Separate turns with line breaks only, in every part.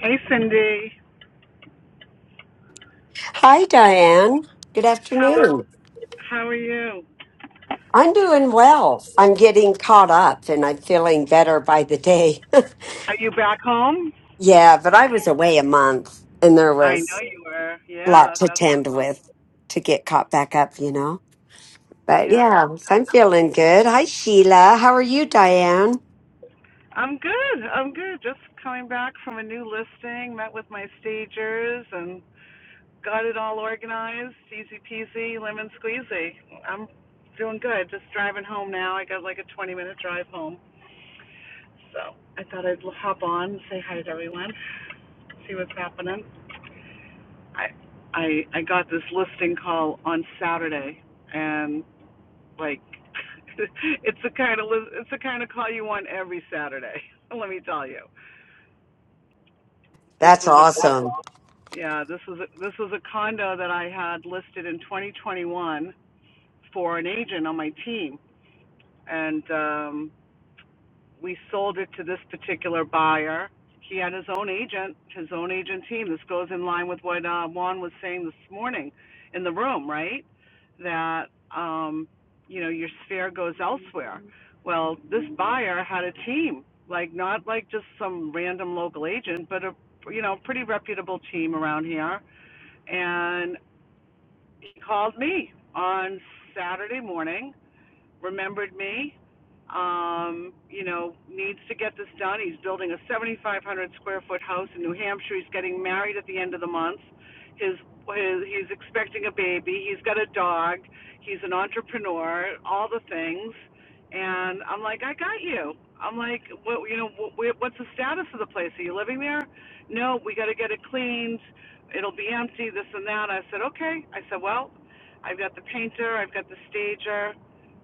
Hey, Cindy.
Hi, Diane. Good
How are,
afternoon.
how are you?
I'm doing well. I'm getting caught up and I'm feeling better by the day.
Are you back home?
yeah, but I was away a month and there
I know
was
you were.
a lot
Yeah,
to
that's
tend
awesome.
with to get caught back up, you know? But
Yeah.
yeah, so I'm feeling good. Hi, Sheila. How are you, Diane?
I'm good. I'm good. Just coming back from a new listing, met with my stagers and got it all organized, easy peasy, lemon squeezy. I'm doing good. Just driving home now. I got like a 20 minute drive home. So, I thought I'd hop on and say hi to everyone, see what's happening. I I I got this listing call on Saturday and Like, it's the kind of it's the kind of call you want every Saturday. Let me tell you, this
That's
was a
awesome.
yeah, this was a, this was a condo that I had listed in 2021 for an agent on my team, and um, we sold it to this particular buyer. He had his own agent, his own agent team. This goes in line with what uh, Juan was saying this morning in the room, right? That um, you know your sphere goes elsewhere. Well, this buyer had a team, like not like just some random local agent, but a you know pretty reputable team around here. And he called me on Saturday morning remembered me. Um, you know, needs to get this done. He's building a 7,500 square foot house in New Hampshire. He's getting married at the end of the month. His, his he's expecting a baby. He's got a dog. He's an entrepreneur. All the things. And I'm like, I got you. I'm like, what? You know, what, what's the status of the place? Are you living there? No, we got to get it cleaned. It'll be empty. This and that. I said, okay. I said, well, I've got the painter, I've got the stager,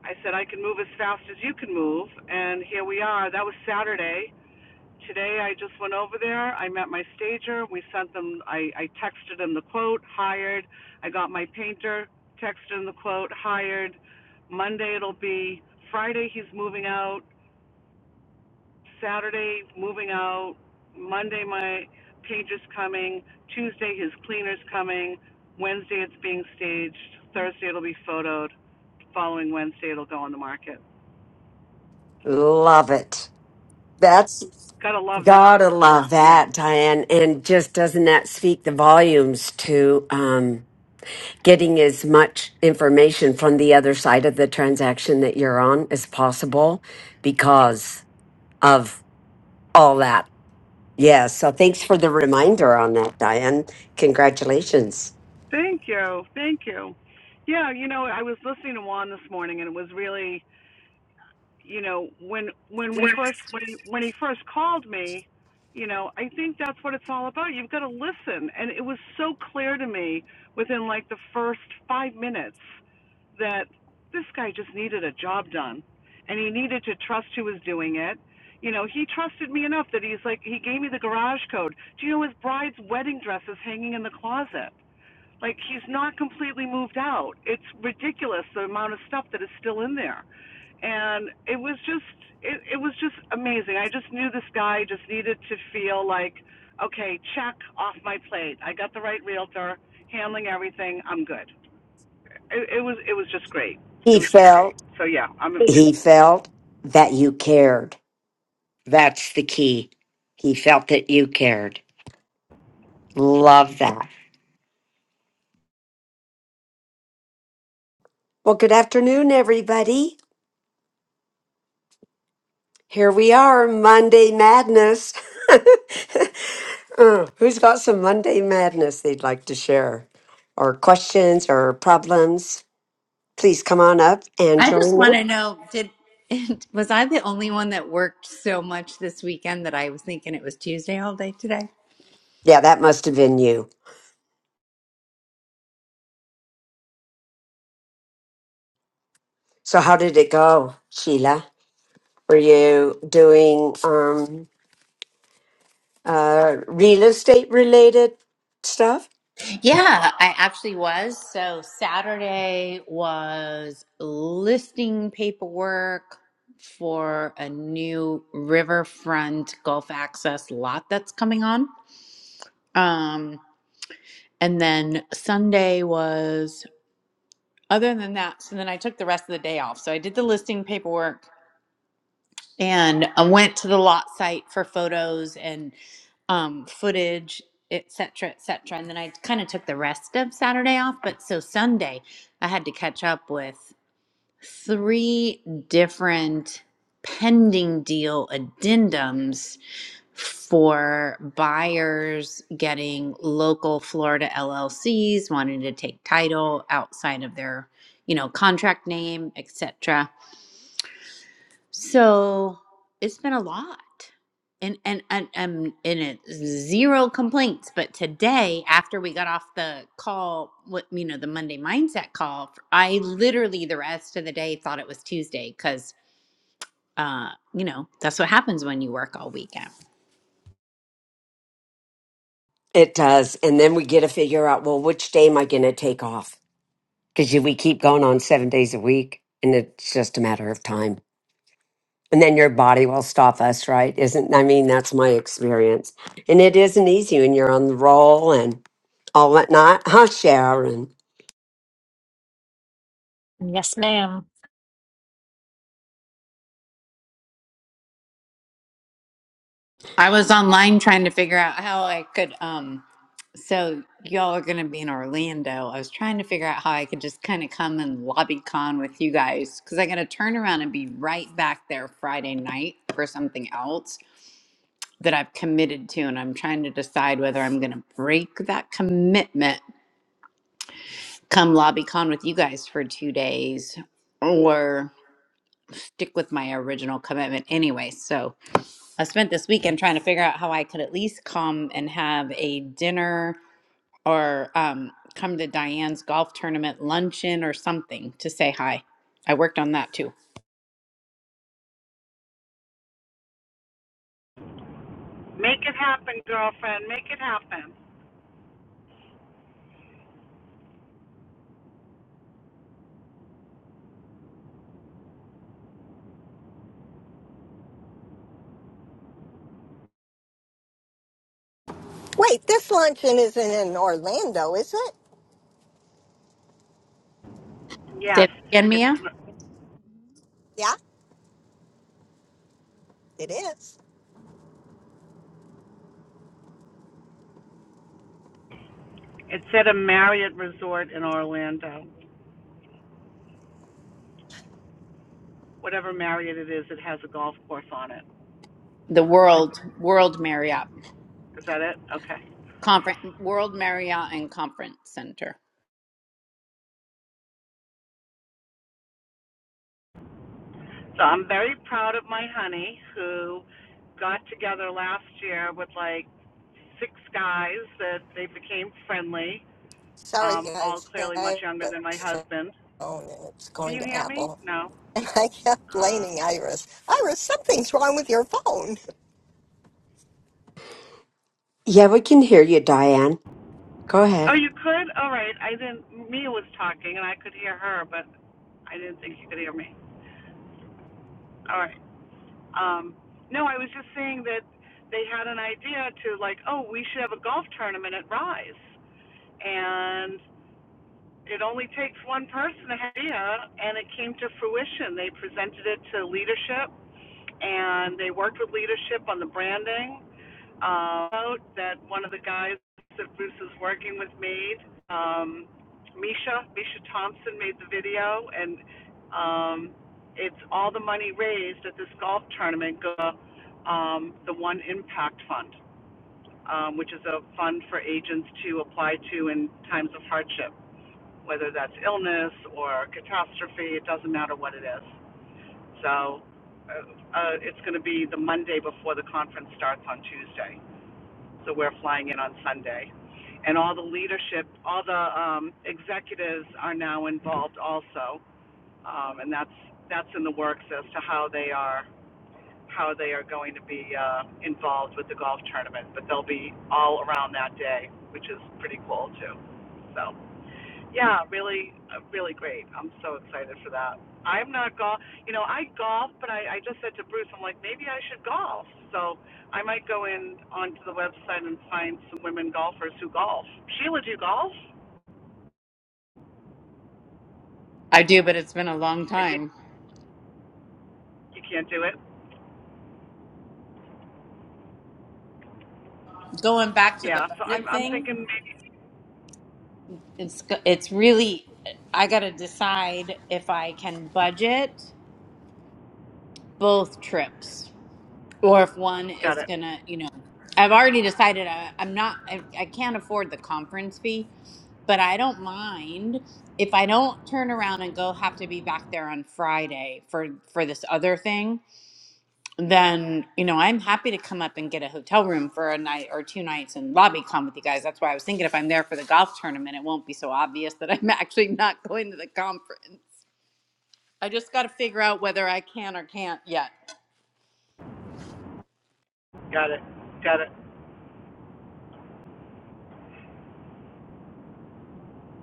I said I can move as fast as you can move, and here we are. That was Saturday. Today I just went over there. I met my stager. We sent them. I, I texted him the quote. Hired. I got my painter. Texted him the quote. Hired. Monday it'll be. Friday he's moving out. Saturday moving out. Monday my painter's coming. Tuesday his cleaner's coming. Wednesday it's being staged. Thursday it'll be photoed. Following Wednesday it'll go on the market.
Love it. That's
Gotta love that.
gotta love
Yeah.
that, Diane. And just doesn't that speak the volumes to, um, getting as much information from the other side of the transaction that you're on as possible because of all that. Yeah. So thanks for the reminder on that, Diane. Congratulations.
Thank you. Thank you. Yeah, you know, I was listening to Juan this morning and it was really you know when when we first when he, when he first called me you know i think that's what it's all about you've got to listen and it was so clear to me within like the first 5 minutes that this guy just needed a job done and he needed to trust who was doing it you know he trusted me enough that he's like he gave me the garage code do you know his bride's wedding dress is hanging in the closet like he's not completely moved out. It's ridiculous the amount of stuff that is still in there. And it was just it, it was just amazing. I just knew this guy just needed to feel like, okay, check off my plate. I got the right realtor, handling everything, I'm good. It, it was it was just great. It
He
was just great.
felt,
So yeah, I'm
he
make
felt that you cared. That's the key. He felt that you cared. Love that. Well, good afternoon, everybody. Here we are, Monday Madness. Uh, Who's got some Monday Madness they'd like to share, or questions or problems? Please come on up and
I
join
just
me.
want to know did was I the only one that worked so much this weekend that I was thinking it was Tuesday all day today?
Yeah, that must have been you. So, how did it go, Sheila? Were you doing um, uh, real estate related stuff?
Yeah, I actually was. So Saturday was listing paperwork for a new riverfront golf access lot that's coming on. Um, and then Sunday was other than that, so then I took the rest of the day off. So I did the listing paperwork and I went to the lot site for photos and um, footage, et cetera, et cetera. And then I kind of took the rest of Saturday off. But so Sunday, I had to catch up with three different pending deal addendums for buyers getting local Florida LLCs wanting to take title outside of their, you know, contract name, et cetera so it's been a lot. And and and and, and it, zero complaints. But today, after we got off the call, what you know, the Monday mindset call, I literally the rest of the day thought it was Tuesday because uh, you know that's what happens when you work all weekend.
It does. And then we get to figure out well, which day am I going to take off? Because we keep going on seven days a week, and it's just a matter of time. and then your body will stop us right isn't i mean that's my experience and it isn't easy when you're on the roll and all that not huh sharon
Yes, ma'am.
I was online trying to figure out how I could um So y'all are going to be in Orlando. I was trying to figure out how I could just kind of come and lobby con with you guys because I got to turn around and be right back there Friday night for something else that I've committed to, and I'm trying to decide whether I'm going to break that commitment, come lobby con with you guys for two days, or stick with my original commitment anyway. So I spent this weekend trying to figure out how I could at least come and have a dinner or um, come to Diane's golf tournament luncheon or something to say hi. I worked on that too.
it happen, girlfriend. Make it happen.
Wait, this luncheon isn't in Orlando, is it?
Yes.
Say that again,
It's
Mia.
Yeah, it is.
it's at a Marriott resort in Orlando. Whatever Marriott it is, it has a golf course on it.
The
I-
World World Marriott
Is that it? Okay.
Conference, World Marriott and Conference Center.
So I'm very proud of my honey who got together last year with like six guys that they became friendly.
Sorry,
Um, all
guys.
clearly
I
much
have
younger
a
than my
cell
husband.
phone and it's
Can
going
you
to
hear me?
Apple.
No.
And I kept blaming Iris. Iris, something's wrong with your phone.
yeah we can hear you diane go
Oh,
ahead
you could? All right. I didn't. Mia was talking and I could hear her, but I didn't think you could hear me. All right. Um, no, I was just saying that they had an idea to like, oh, we should have a golf tournament at Rise, and it only takes one person to have an idea, and it came to fruition. They presented it to leadership, and they worked with leadership on the branding. Uh, that one of the guys that Bruce is working with made, um, Misha, Misha Thompson made the video, and um, it's all the money raised at this golf tournament go um, the One Impact Fund, um, which is a fund for agents to apply to in times of hardship whether that's illness or catastrophe, it doesn't matter what it is. So uh, uh, it's going to be the Monday before the conference starts on Tuesday. So we're flying in on Sunday. And all the leadership, all the um, executives are now involved also. Um, and that's, that's in the works as to how they are how they are going to be uh, involved with the golf tournament, but they'll be all around that day, which is pretty cool too. So. Yeah, really, uh, really great. I'm so excited for that. I'm not golf. You know, I golf, but I, I just said to Bruce, I'm like, maybe I should golf. So I might go in onto the website and find some women golfers who golf. Sheila, do you golf?
I do, but it's been a long
It- it,
time.
You can't do it.
Going back to
Yeah.
the
So
budget
I'm, I'm
thing,
thinking maybe.
it's it's really I got to decide if I can budget both trips or if one
Got
is
it.
gonna, you know, I've already decided I, I'm not, I, I can't afford the conference fee, but I don't mind if I don't turn around and go have to be back there on Friday for for this other thing. Then you know I'm happy to come up and get a hotel room for a night or two nights and lobby con with you guys. That's why I was thinking if I'm there for the golf tournament, it won't be so obvious that I'm actually not going to the conference. I just got to figure out whether I can or can't yet.
Got it. Got it.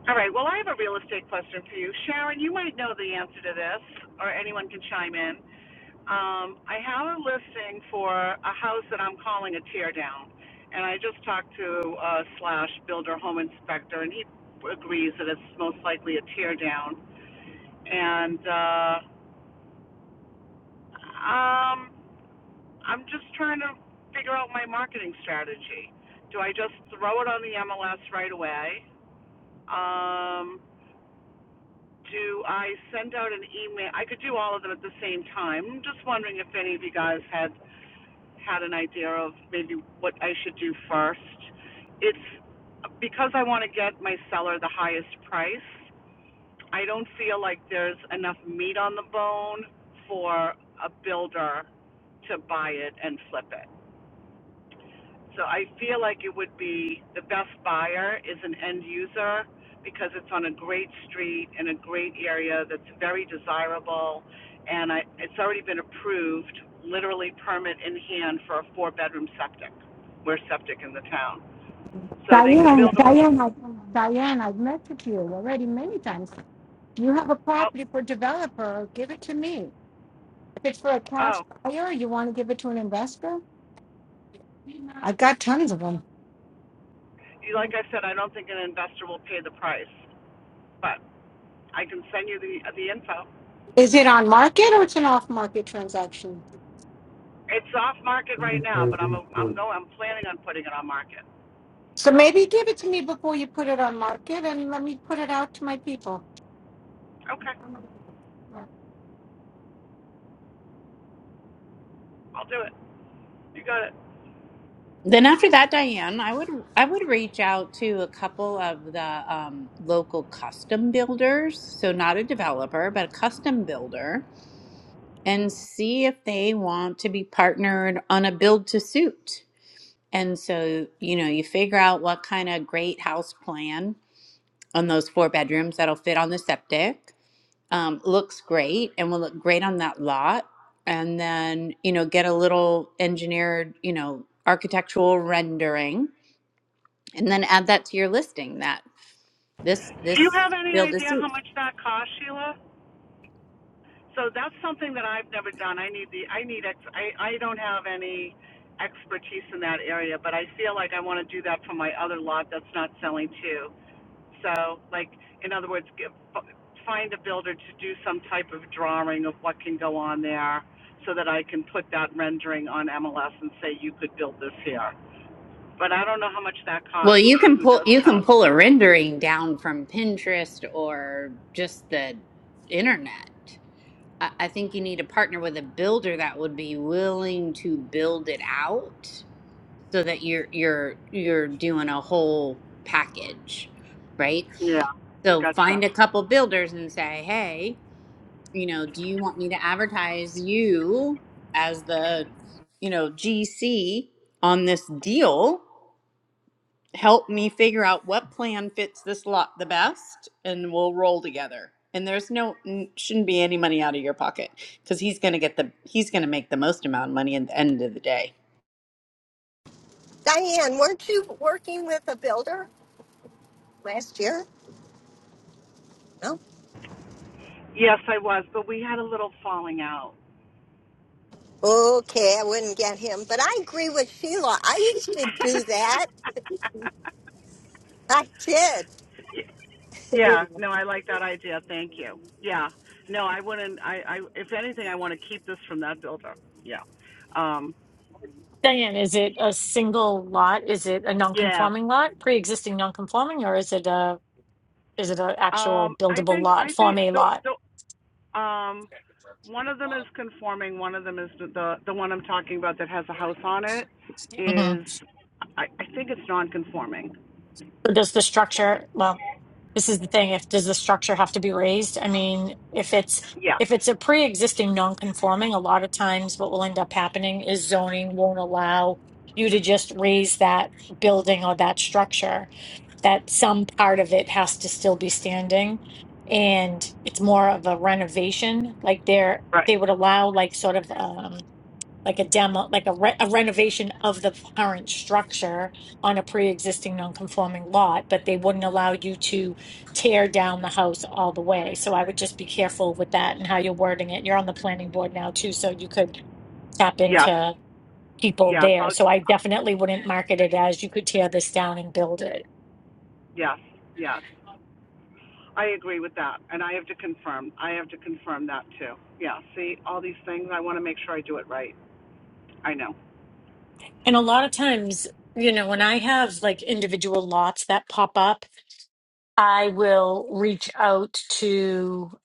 All right. Well, I have a real estate question for you, Sharon. You might know the answer to this, or anyone can chime in. Um, I have a listing for a house that I'm calling a tear down. And I just talked to uh, slash builder home inspector, and he agrees that it's most likely a tear down. And uh, um, I'm just trying to figure out my marketing strategy. Do I just throw it on the MLS right away? Um, do I send out an email? I could do all of them at the same time. I'm just wondering if any of you guys had had an idea of maybe what I should do first. It's because I want to get my seller the highest price. I don't feel like there's enough meat on the bone for a builder to buy it and flip it. So I feel like it would be the best buyer is an end user because it's on a great street in a great area that's very desirable, and I, it's already been approved, literally permit in hand for a four-bedroom septic. We're septic in the town, so they could
Diane,
build a.
Diane, I, Diane, I've met with you already many times. You have a
Well,
property for developer, give it to me. If it's for a
oh,
cash buyer, you want to give it to an investor? I've got tons of them.
you- like I said, I don't think an investor will pay the price, but I can send you the the info.
Is it on market or it's an off market transaction?
It's off market right now, but I'm a, I'm going I'm planning on putting it on market.
So maybe give it to me before you put it on market and let me put it out to my people.
Okay, I'll do it. You got it.
Then after that, Diane, I would I would reach out to a couple of the um, local custom builders, so not a developer, but a custom builder, and see if they want to be partnered on a build to suit. And so, you know, you figure out what kind of great house plan on those four bedrooms that'll fit on the septic. Um, looks great and will look great on that lot. And then, you know, get a little engineered, you know, architectural rendering and then add that to your listing that this
Do you
this
have any
build a
idea how
suit
much that costs, Sheila? So that's something that I've never done. I need the I need ex I, I don't have any expertise in that area, but I feel like I want to do that for my other lot that's not selling too. So like in other words, give, find a builder to do some type of drawing of what can go on there so that I can put that rendering on MLS and say you could build this here. But I don't know how much that
well
costs
you
and
can
who
pull
does
you
that.
can pull a rendering down from pinterest or just the internet i, I think you need to partner with a builder that would be willing to build it out so that you're you're you're doing a whole package right
Yeah.
so
Gotcha.
find a couple builders and say hey you know, do you want me to advertise you as the, you know, GC on this deal? Help me figure out what plan fits this lot the best and we'll roll together. And there's no n- shouldn't be any money out of your pocket cuz he's going to get the he's going to make the most amount of money at the end of the day.
Diane, weren't you working with a builder last year? No.
Yes, I was, but we had a little falling out.
Okay, I wouldn't get him. But I agree with Sheila. I used to do that. I did.
yeah, no, I like that idea. Thank you. Yeah. No, I wouldn't I, I if anything I want to keep this from that builder. Yeah. Um
Diane, is it a single lot? Is it a
yeah.
non-conforming lot, pre-existing non-conforming, or is it a is it an actual
Um I
buildable
think
lot,
I think
Form A
the
lot?
the um one of them is conforming, one of them is the the, the one I'm talking about that has a house on it
hmm
is I, I think it's non conforming.
Does the structure, well, this is the thing, if does the structure have to be raised? I mean, if it's
Yes.
if it's a pre-existing non-conforming, a lot of times what will end up happening is zoning won't allow you to just raise that building or that structure. that some part of it has to still be standing and it's more of a renovation like they're
Right.
they would allow like sort of um like a demo like a, re- a renovation of the current structure on a pre-existing non-conforming lot but they wouldn't allow you to tear down the house all the way so i would just be careful with that and how you're wording it you're on the planning board now too so you could tap
Yes.
into people
Yes.
there
I'll
so i definitely wouldn't market it as you could tear this down and build it
yes, yes. I agree with that, and I have to confirm. I have to confirm that too. Yeah, see, all these things, I want to make sure I do it right. I know.
And a lot of times, you know, when I have like individual lots that pop up, I will reach out to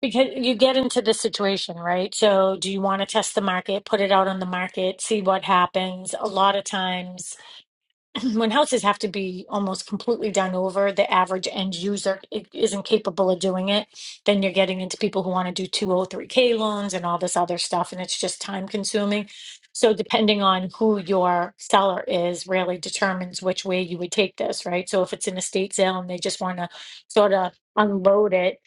because you get into this situation, right? So, do you want to test the market, put it out on the market, see what happens? A lot of times, when houses have to be almost completely done over, the average end user i- isn't capable of doing it. Then you're getting into people who want to do 203K loans and all this other stuff, and it's just time consuming. So, depending on who your seller is, really determines which way you would take this, right? So, if it's an estate sale and they just want to sort of unload it,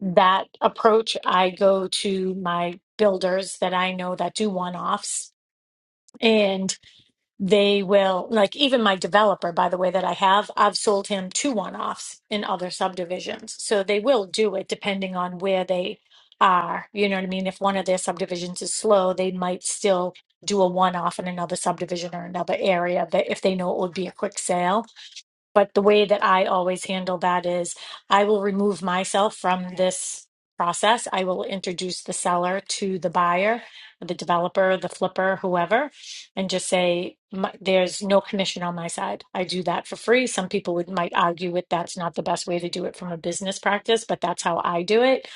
that approach, I go to my builders that I know that do one offs. And they will like even my developer by the way that i have i've sold him two one-offs in other subdivisions so they will do it depending on where they are you know what i mean if one of their subdivisions is slow they might still do a one-off in another subdivision or another area that if they know it would be a quick sale but the way that I always handle that is I will remove myself from this process. I will introduce the seller to the buyer, the developer, the flipper, whoever, and just say, "My- there's no commission on my side. I do that for free. Some people would might argue with that's not the best way to do it from a business practice, but that's how I do it.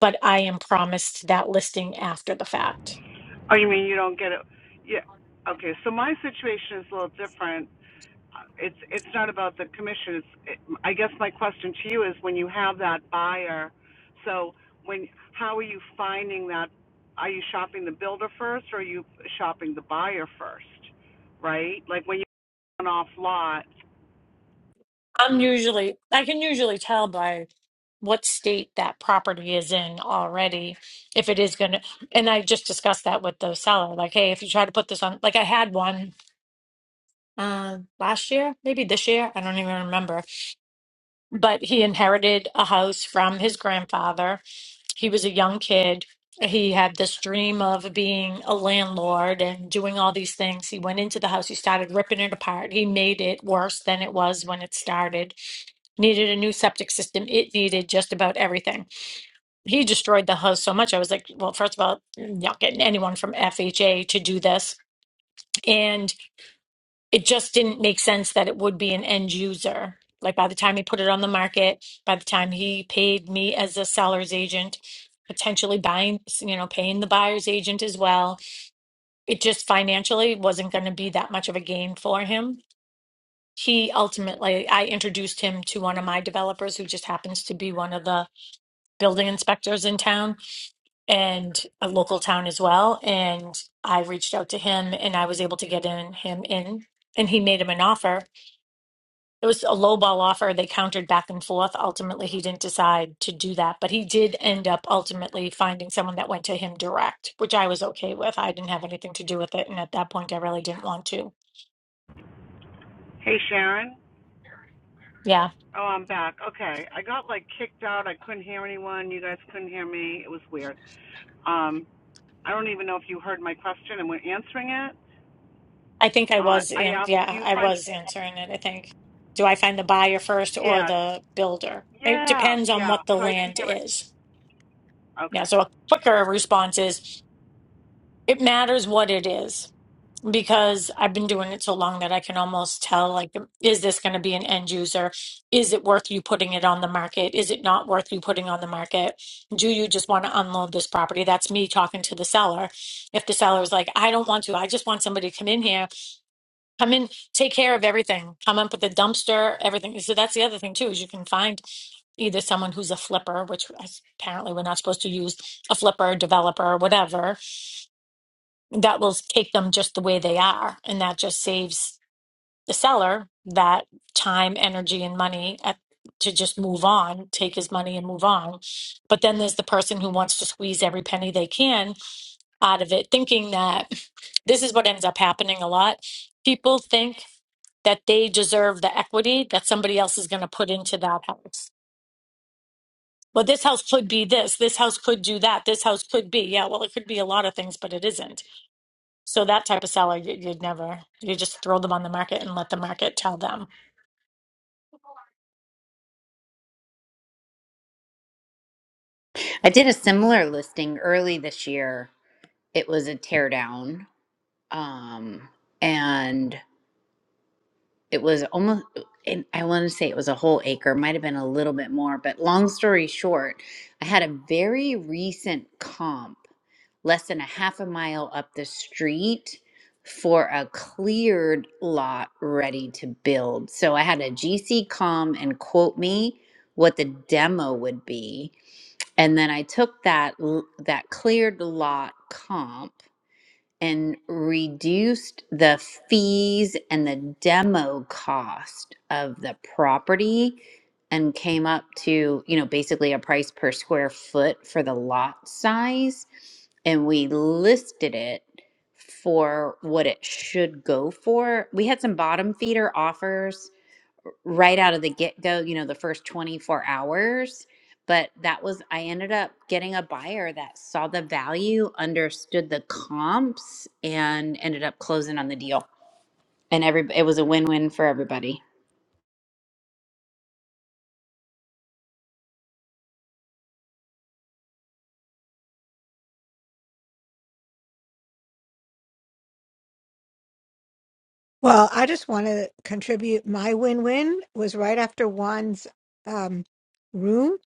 But I am promised that listing after the fact.
Oh, you mean you don't get it? Yeah. Okay, so my situation is a little different. Uh, It's it's not about the commission. It's it, I guess my question to you is when you have that buyer, so when how are you finding that? Are you shopping the builder first, or are you shopping the buyer first? Right, like when you are an off lot.
I'm usually, I can usually tell by what state that property is in already if it is going to, and I just discussed that with the seller. Like, hey, if you try to put this on, like I had one uh, last year, maybe this year, I don't even remember, but he inherited a house from his grandfather he was a young kid. He had this dream of being a landlord and doing all these things. He went into the house, he started ripping it apart. He made it worse than it was when it started. Needed a new septic system. It needed just about everything. He destroyed the house so much. I was like, well, first of all, you're not getting anyone from FHA to do this. and it just didn't make sense that it would be an end user. Like by the time he put it on the market, by the time he paid me as a seller's agent, potentially buying, you know, paying the buyer's agent as well, it just financially wasn't going to be that much of a gain for him. He ultimately, I introduced him to one of my developers who just happens to be one of the building inspectors in town and a local town as well. And I reached out to him and I was able to get in him in and he made him an offer It was a low ball offer. They countered back and forth. Ultimately, he didn't decide to do that, but he did end up ultimately finding someone that went to him direct, which I was okay with. I didn't have anything to do with it, and at that point, I really didn't want to.
Hey, Sharon.
Yeah,
Oh, I'm back. Okay. I got like kicked out. I couldn't hear anyone. You guys couldn't hear me. It was weird. Um, I don't even know if you heard my question and were answering it.
I think I
Uh,
was
I
in.
asked, do
Yeah,
you
I
find.
was answering it. I think. Do I find the buyer first or
Yeah.
the builder? It
Yeah.
depends on
Yeah.
what the
So I didn't
land
hear
is.
it.
Yeah,
Okay.
so a quicker response is it matters what it is because I've been doing it so long that I can almost tell like is this going to be an end user? Is it worth you putting it on the market? Is it not worth you putting on the market? Do you just want to unload this property? That's me talking to the seller. If the seller's like, I don't want to, I just want somebody to come in here, come in, take care of everything, come up with the dumpster, everything. So that's the other thing too, is you can find either someone who's a flipper, which apparently we're not supposed to use a flipper, developer, whatever that will take them just the way they are and that just saves the seller that time energy and money at, to just move on take his money and move on but then there's the person who wants to squeeze every penny they can out of it thinking that this is what ends up happening a lot people think that they deserve the equity that somebody else is going to put into that house well this house could be this this house could do that this house could be yeah well it could be a lot of things but it isn't so that type of seller, you, you'd never, you just throw them on the market and let the market tell them.
I did a similar listing early this year. It was a teardown. Um, and it was almost and i want to say it was a whole acre might have been a little bit more but long story short i had a very recent comp less than a half a mile up the street for a cleared lot ready to build so i had a gc com and quote me what the demo would be and then i took that l- that cleared lot comp and reduced the fees and the demo cost of the property and came up to, you know, basically a price per square foot for the lot size. And we listed it for what it should go for. We had some bottom feeder offers right out of the get go, you know, the first 24 hours. But that was, I ended up getting a buyer that saw the value, understood the comps, and ended up closing on the deal. And every, it was a win win for everybody.
Well, I just want to contribute. My win win was right after Juan's um, room.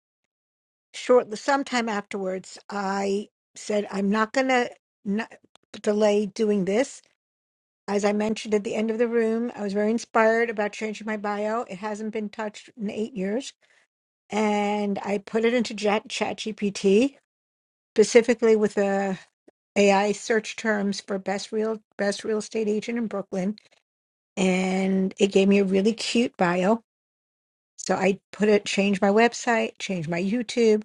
shortly sometime afterwards i said i'm not going to not delay doing this as i mentioned at the end of the room i was very inspired about changing my bio it hasn't been touched in eight years and i put it into chat chat gpt specifically with the ai search terms for best real best real estate agent in brooklyn and it gave me a really cute bio so i put it changed my website changed my youtube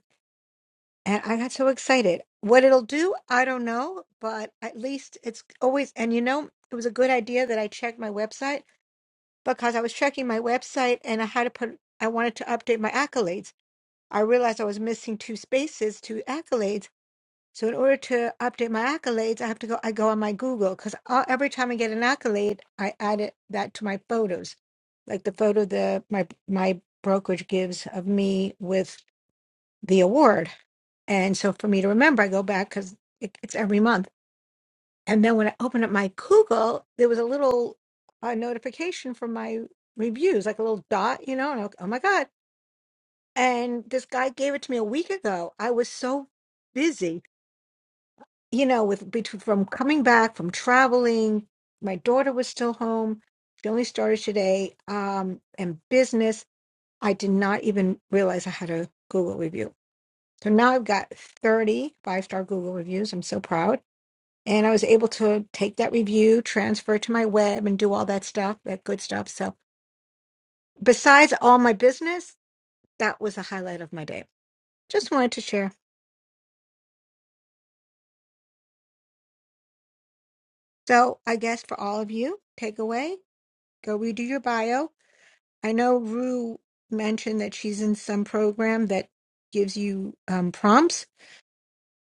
And I got so excited. What it'll do, I don't know, but at least it's always, and you know, it was a good idea that I checked my website because I was checking my website and I had to put, I wanted to update my accolades. I realized I was missing two spaces, two accolades. So in order to update my accolades, I have to go, I go on my Google because every time I get an accolade, I add it, that to my photos, like the photo the my my brokerage gives of me with the award. And so for me to remember, I go back because it, it's every month. And then when I open up my Google, there was a little uh, notification for my reviews, like a little dot, you know, and I, oh my God. And this guy gave it to me a week ago. I was so busy, you know, with between from coming back, from traveling. My daughter was still home. She only started today. Um, and business, I did not even realize I had a Google review. So now I've got thirty five star Google reviews. I'm so proud and I was able to take that review, transfer it to my web, and do all that stuff, that good stuff. So, besides all my business, that was a highlight of my day. Just wanted to share. So, I guess for all of you, take away, go redo your bio. I know Rue mentioned that she's in some program that gives you um, prompts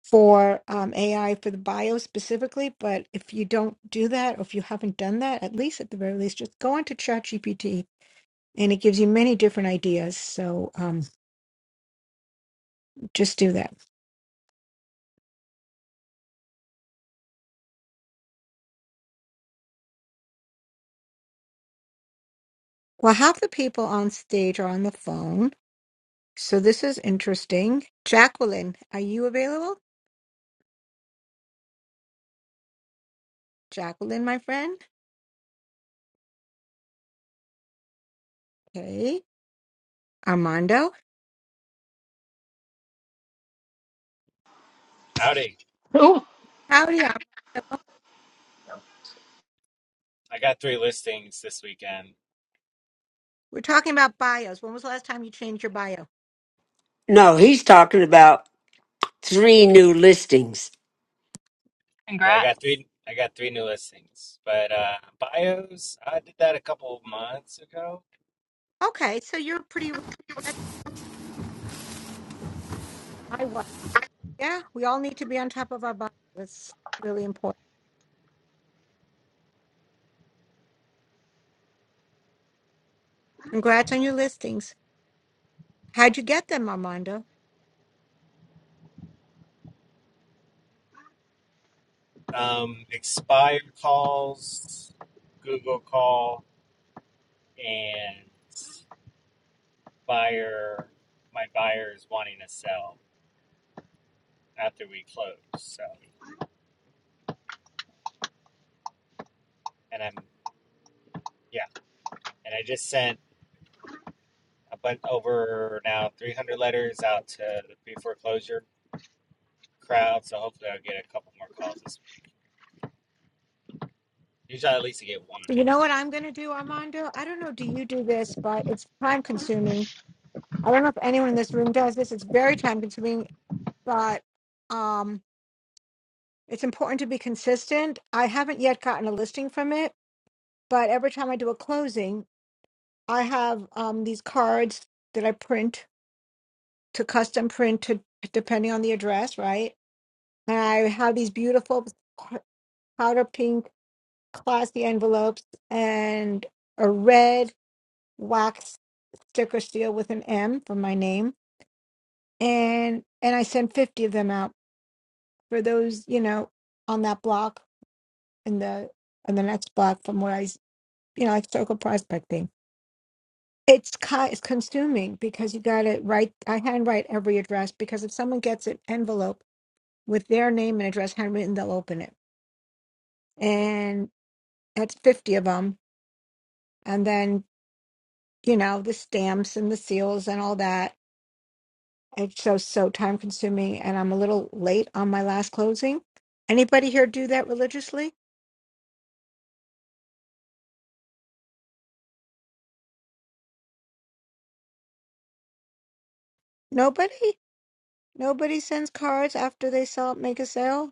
for um, AI for the bio specifically, but if you don't do that, or if you haven't done that, at least at the very least, just go onto ChatGPT and it gives you many different ideas. So um, just do that. Well, half the people on stage are on the phone. So this is interesting. Jacqueline, are you available? Jacqueline, my friend. Hey, Armando.
Howdy.
Who?
Howdy, Armando.
I got three listings this weekend.
We're talking about bios. When was the last time you changed your bio?
no he's talking about three new listings
Yeah, I got
Congrats.
three I got three new listings. But uh bios, I did that a couple months ago.
Okay, so you're pretty. I was. Yeah, we all need to be on top of our bios. That's really important. Congrats on your listings. How'd you get them, Armando?
Um expired calls, Google call, and buyer my buyers wanting to sell after we close. So and I'm yeah, and I just sent a bunch over now 300 letters out to the pre-foreclosure crowd. So hopefully I'll get a couple more calls this week. Usually I at least get one.
You know what I'm going to do, Armando? I don't know, do you do this, but it's time consuming. I don't know if anyone in this room does this. It's very time consuming, but um, it's important to be consistent. I haven't yet gotten a listing from it, but every time I do a closing, I have um, these cards that I print to custom print to depending on the address, right? And I have these beautiful powder pink classy envelopes and a red wax sticker seal with an M for my name, and and I sent fifty of them out for those you know on that block and the and the next block from where I s- you know like circle prospecting. It's ki- it's consuming because you got to write. I handwrite every address because if someone gets an envelope with their name and address handwritten, they'll open it, and that's fifty of them, and then you know the stamps and the seals and all that It's so so time consuming and I'm a little late on my last closing. Anybody here do that religiously? Nobody? Nobody sends cards after they sell make a sale?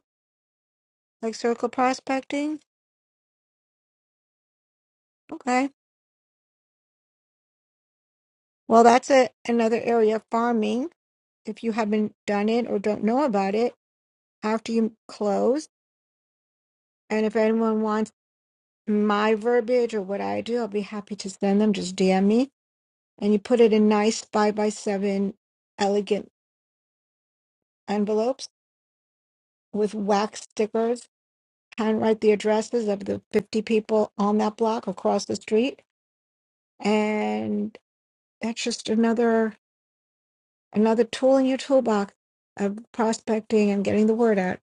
Like circle prospecting? Okay. Well that's a another area of farming. If you haven't done it or don't know about it, after you close and if anyone wants my verbiage or what I do, I'll be happy to send them. Just DM me and you put it in nice five by seven elegant envelopes with wax stickers, handwrite the addresses of the 50 people on that block across the street. And that's just another another tool in your toolbox of prospecting and getting the word out.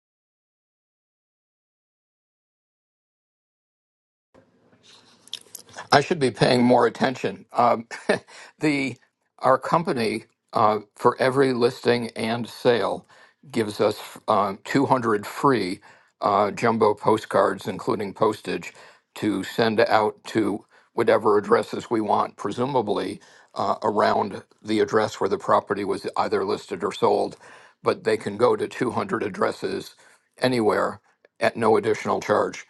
I should be paying more attention. Um, the our company uh, for every listing and sale gives us uh, 200 free uh, jumbo postcards, including postage, to send out to whatever addresses we want, presumably uh, around the address where the property was either listed or sold. But they can go to 200 addresses anywhere at no additional charge.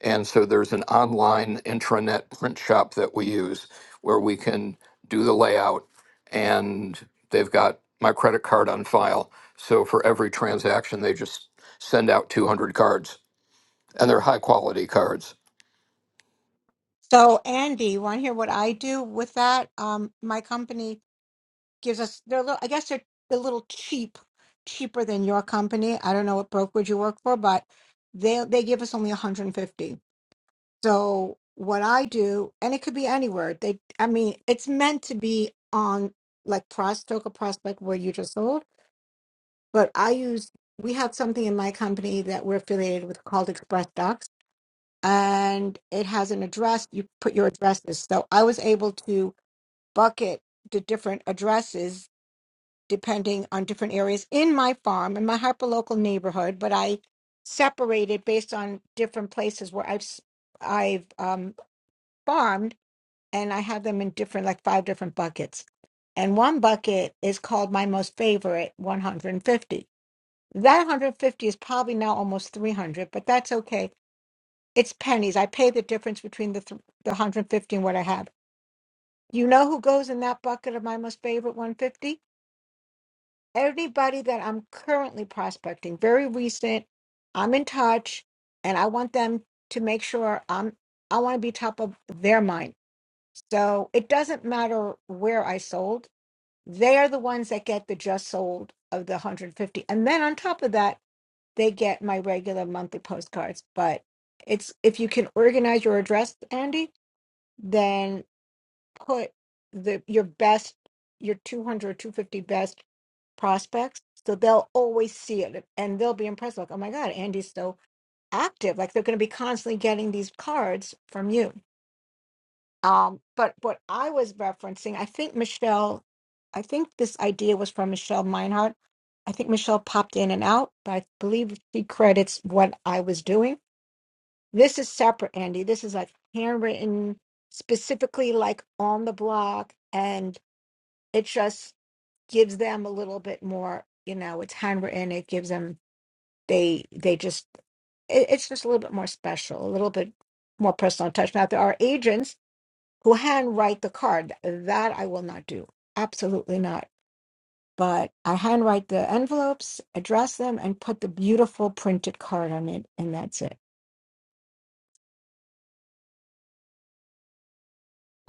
And so there's an online intranet print shop that we use where we can do the layout and they've got my credit card on file. So for every transaction, they just send out 200 cards and they're high quality cards.
So Andy, you want to hear what I do with that? Um, my company gives us they're a little, I guess they're a little cheap, cheaper than your company. I don't know what brokerage you work for, but they they give us only 150. So what I do, and it could be anywhere. They, I mean, it's meant to be on like Prostoka Prospect where you just sold, but I use. We have something in my company that we're affiliated with called Express Docs, and it has an address. You put your addresses. So I was able to bucket the different addresses depending on different areas in my farm in my hyperlocal neighborhood, but I separated based on different places where I've s- I've um, farmed and I have them in different, like five different buckets. And one bucket is called my most favorite 150. That 150 is probably now almost 300, but that's okay. It's pennies. I pay the difference between the, th- the 150 and what I have. You know who goes in that bucket of my most favorite 150? Everybody that I'm currently prospecting, very recent. I'm in touch and I want them to make sure I'm, I want to be top of their mind. So it doesn't matter where I sold They are the ones that get the just sold of the 150. And then on top of that, they get my regular monthly postcards. But it's if you can organize your address, Andy, then put the your best, your two hundred, two fifty best prospects. So they'll always see it and they'll be impressed. Like, oh my God, Andy's so active. Like they're going to be constantly getting these cards from you. Um, but what I was referencing, I think Michelle, I think this idea was from Michelle Meinhardt. I think Michelle popped in and out, but I believe she credits what I was doing. This is separate, Andy. This is like handwritten, specifically like on the block, and it just gives them a little bit more, you know, it's handwritten. It gives them, they, they just, it, it's just a little bit more special, a little bit more personal touch. Now, there are agents who handwrite the card. That I will not do. Absolutely not. But I handwrite the envelopes, address them, and put the beautiful printed card on it, and that's it.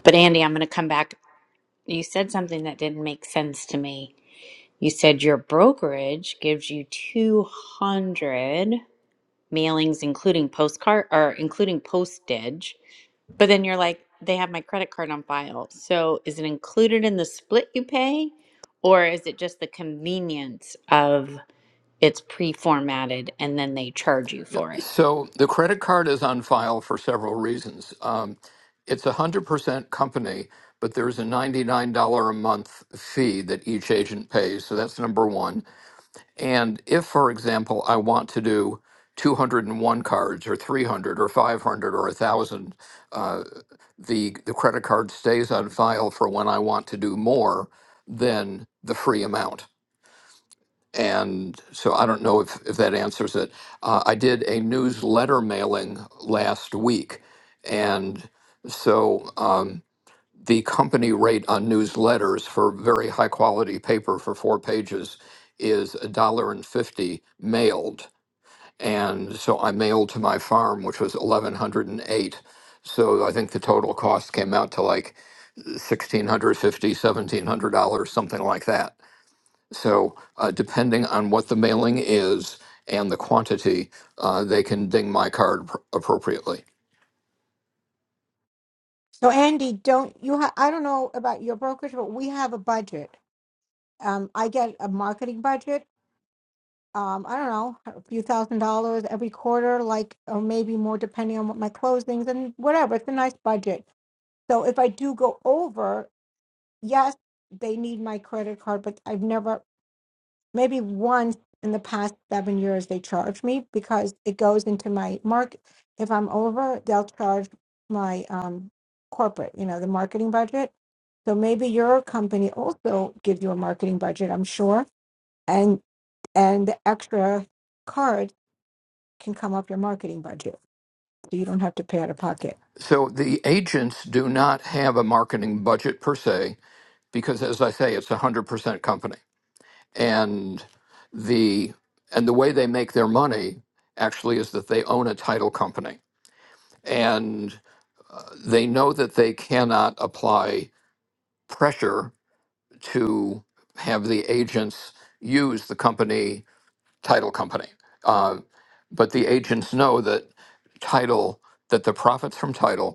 But Andy, I'm going to come back. You said something that didn't make sense to me. You said your brokerage gives you 200. mailings, including postcard or including postage. But then you're like, they have my credit card on file. So is it included in the split you pay, or is it just the convenience of it's pre-formatted and then they charge you for it?
So the credit card is on file for several reasons. Um, it's a 100% company, but there's a $99 a month fee that each agent pays. So that's number one. And if, for example, I want to do 201 cards or 300 or 500 or 1,000, uh, the, the credit card stays on file for when I want to do more than the free amount. And so I don't know if, if that answers it. Uh, I did a newsletter mailing last week. And so. Um, the company rate on newsletters for very high quality paper for four pages is a dollar and fifty mailed. And so I mailed to my farm, which was eleven hundred and eight. So I think the total cost came out to like sixteen hundred fifty, seventeen hundred dollars, something like that. So uh, depending on what the mailing is and the quantity, uh, they can ding my card pr- appropriately.
So Andy, don't you ha- I don't know about your brokerage, but we have a budget. Um, I get a marketing budget um, I don't know, a few thousand dollars every quarter, like, or maybe more depending on what my closings and whatever. It's a nice budget. So if I do go over, yes, they need my credit card, but I've never, maybe once in the past seven years, they charge me because it goes into my mark. If I'm over, they'll charge my um, corporate, you know, the marketing budget. So maybe your company also gives you a marketing budget, I'm sure, and and the extra cards can come up your marketing budget. So you don't have to pay out of pocket.
So the agents do not have a marketing budget per se because as I say, it's a hundred percent company, and the and the way they make their money actually is that they own a title company, and uh, they know that they cannot apply pressure to have the agents use the company title company, uh, but the agents know that title that the profits from title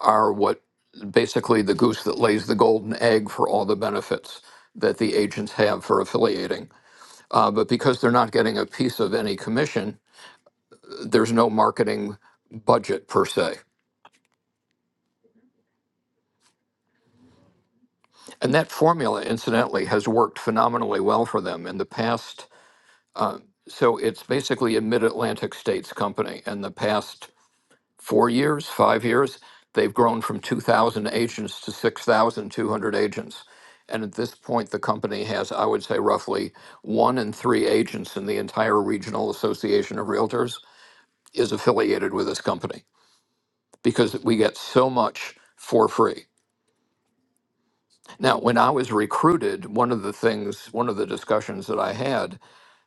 are what basically the goose that lays the golden egg for all the benefits that the agents have for affiliating. Uh, but because they're not getting a piece of any commission, there's no marketing budget per se. And that formula, incidentally, has worked phenomenally well for them in the past. Uh, so it's basically a mid Atlantic states company. In the past four years, five years, they've grown from 2,000 agents to 6,200 agents. And at this point, the company has, I would say, roughly one in three agents in the entire regional association of realtors is affiliated with this company because we get so much for free. Now, when I was recruited, one of the things, one of the discussions that I had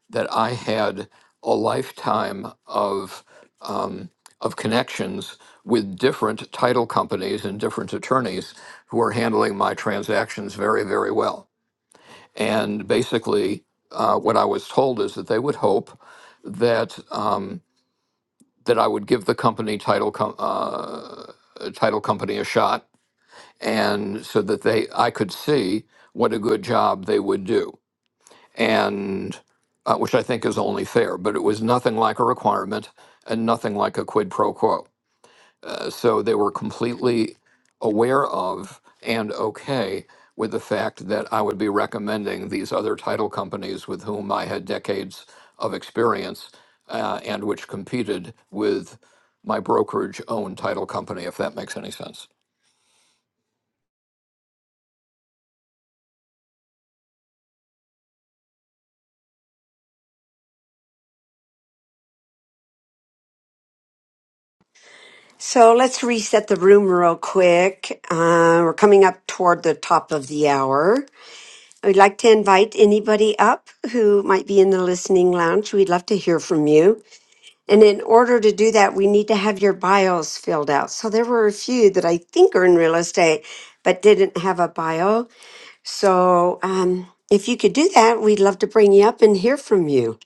that I had a lifetime of um, of connections with different title companies and different attorneys who were handling my transactions very, very well. And basically, uh, what I was told is that they would hope that um, that I would give the company title com- uh, title company a shot, and so that they I could see what a good job they would do and uh, which I think is only fair, but it was nothing like a requirement and nothing like a quid pro quo. Uh, so they were completely aware of and okay with the fact that I would be recommending these other title companies with whom I had decades of experience uh, and which competed with my brokerage owned title company, if that makes any sense.
so let's reset the room real quick uh, we're coming up toward the top of the hour we'd like to invite anybody up who might be in the listening lounge we'd love to hear from you And in order to do that, we need to have your bios filled out. So there were a few that I think are in real estate, but didn't have a bio. So um, if you could do that, we'd love to bring you up and hear from you.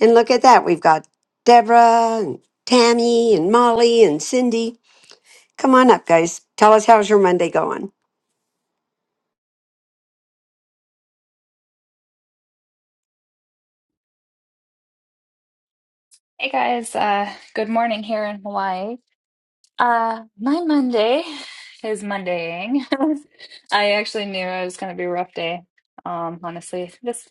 And look at that, we've got Deborah and Tammy and Molly and Cindy. Come on up, guys. Tell us how's your Monday going.
Hey guys, uh, good morning here in Hawaii. Uh, my Monday is Mondaying. I actually knew it was going to be a rough day. Um, honestly, this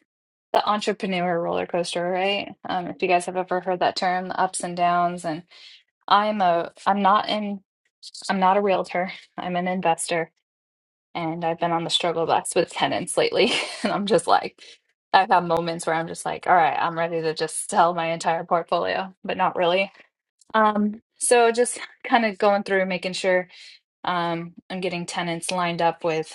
the entrepreneur roller coaster, right? Um, if you guys have ever heard that term, the ups and downs. And I'm a, I'm not in, I'm not a realtor. I'm an investor, and I've been on the struggle bus with tenants lately. And I'm just like, I've had moments where I'm just like, all right, I'm ready to just sell my entire portfolio, but not really. Um, so just kind of going through, making sure um, I'm getting tenants lined up with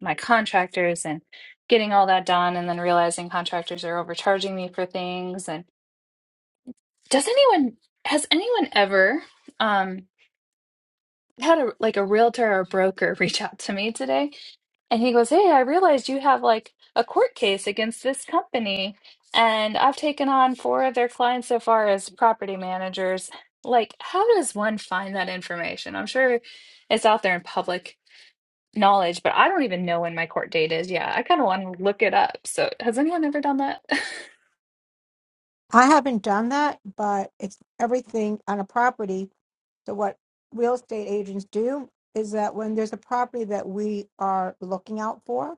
my contractors and getting all that done, and then realizing contractors are overcharging me for things. And does anyone, has anyone ever um, had a like a realtor or broker reach out to me today? And he goes, Hey, I realized you have like a court case against this company, and I've taken on four of their clients so far as property managers. Like, how does one find that information? I'm sure it's out there in public knowledge, but I don't even know when my court date is. Yeah, I kind of want to look it up. So, has anyone ever done that?
I haven't done that, but it's everything on a property. So what real estate agents do is that when there's a property that we are looking out for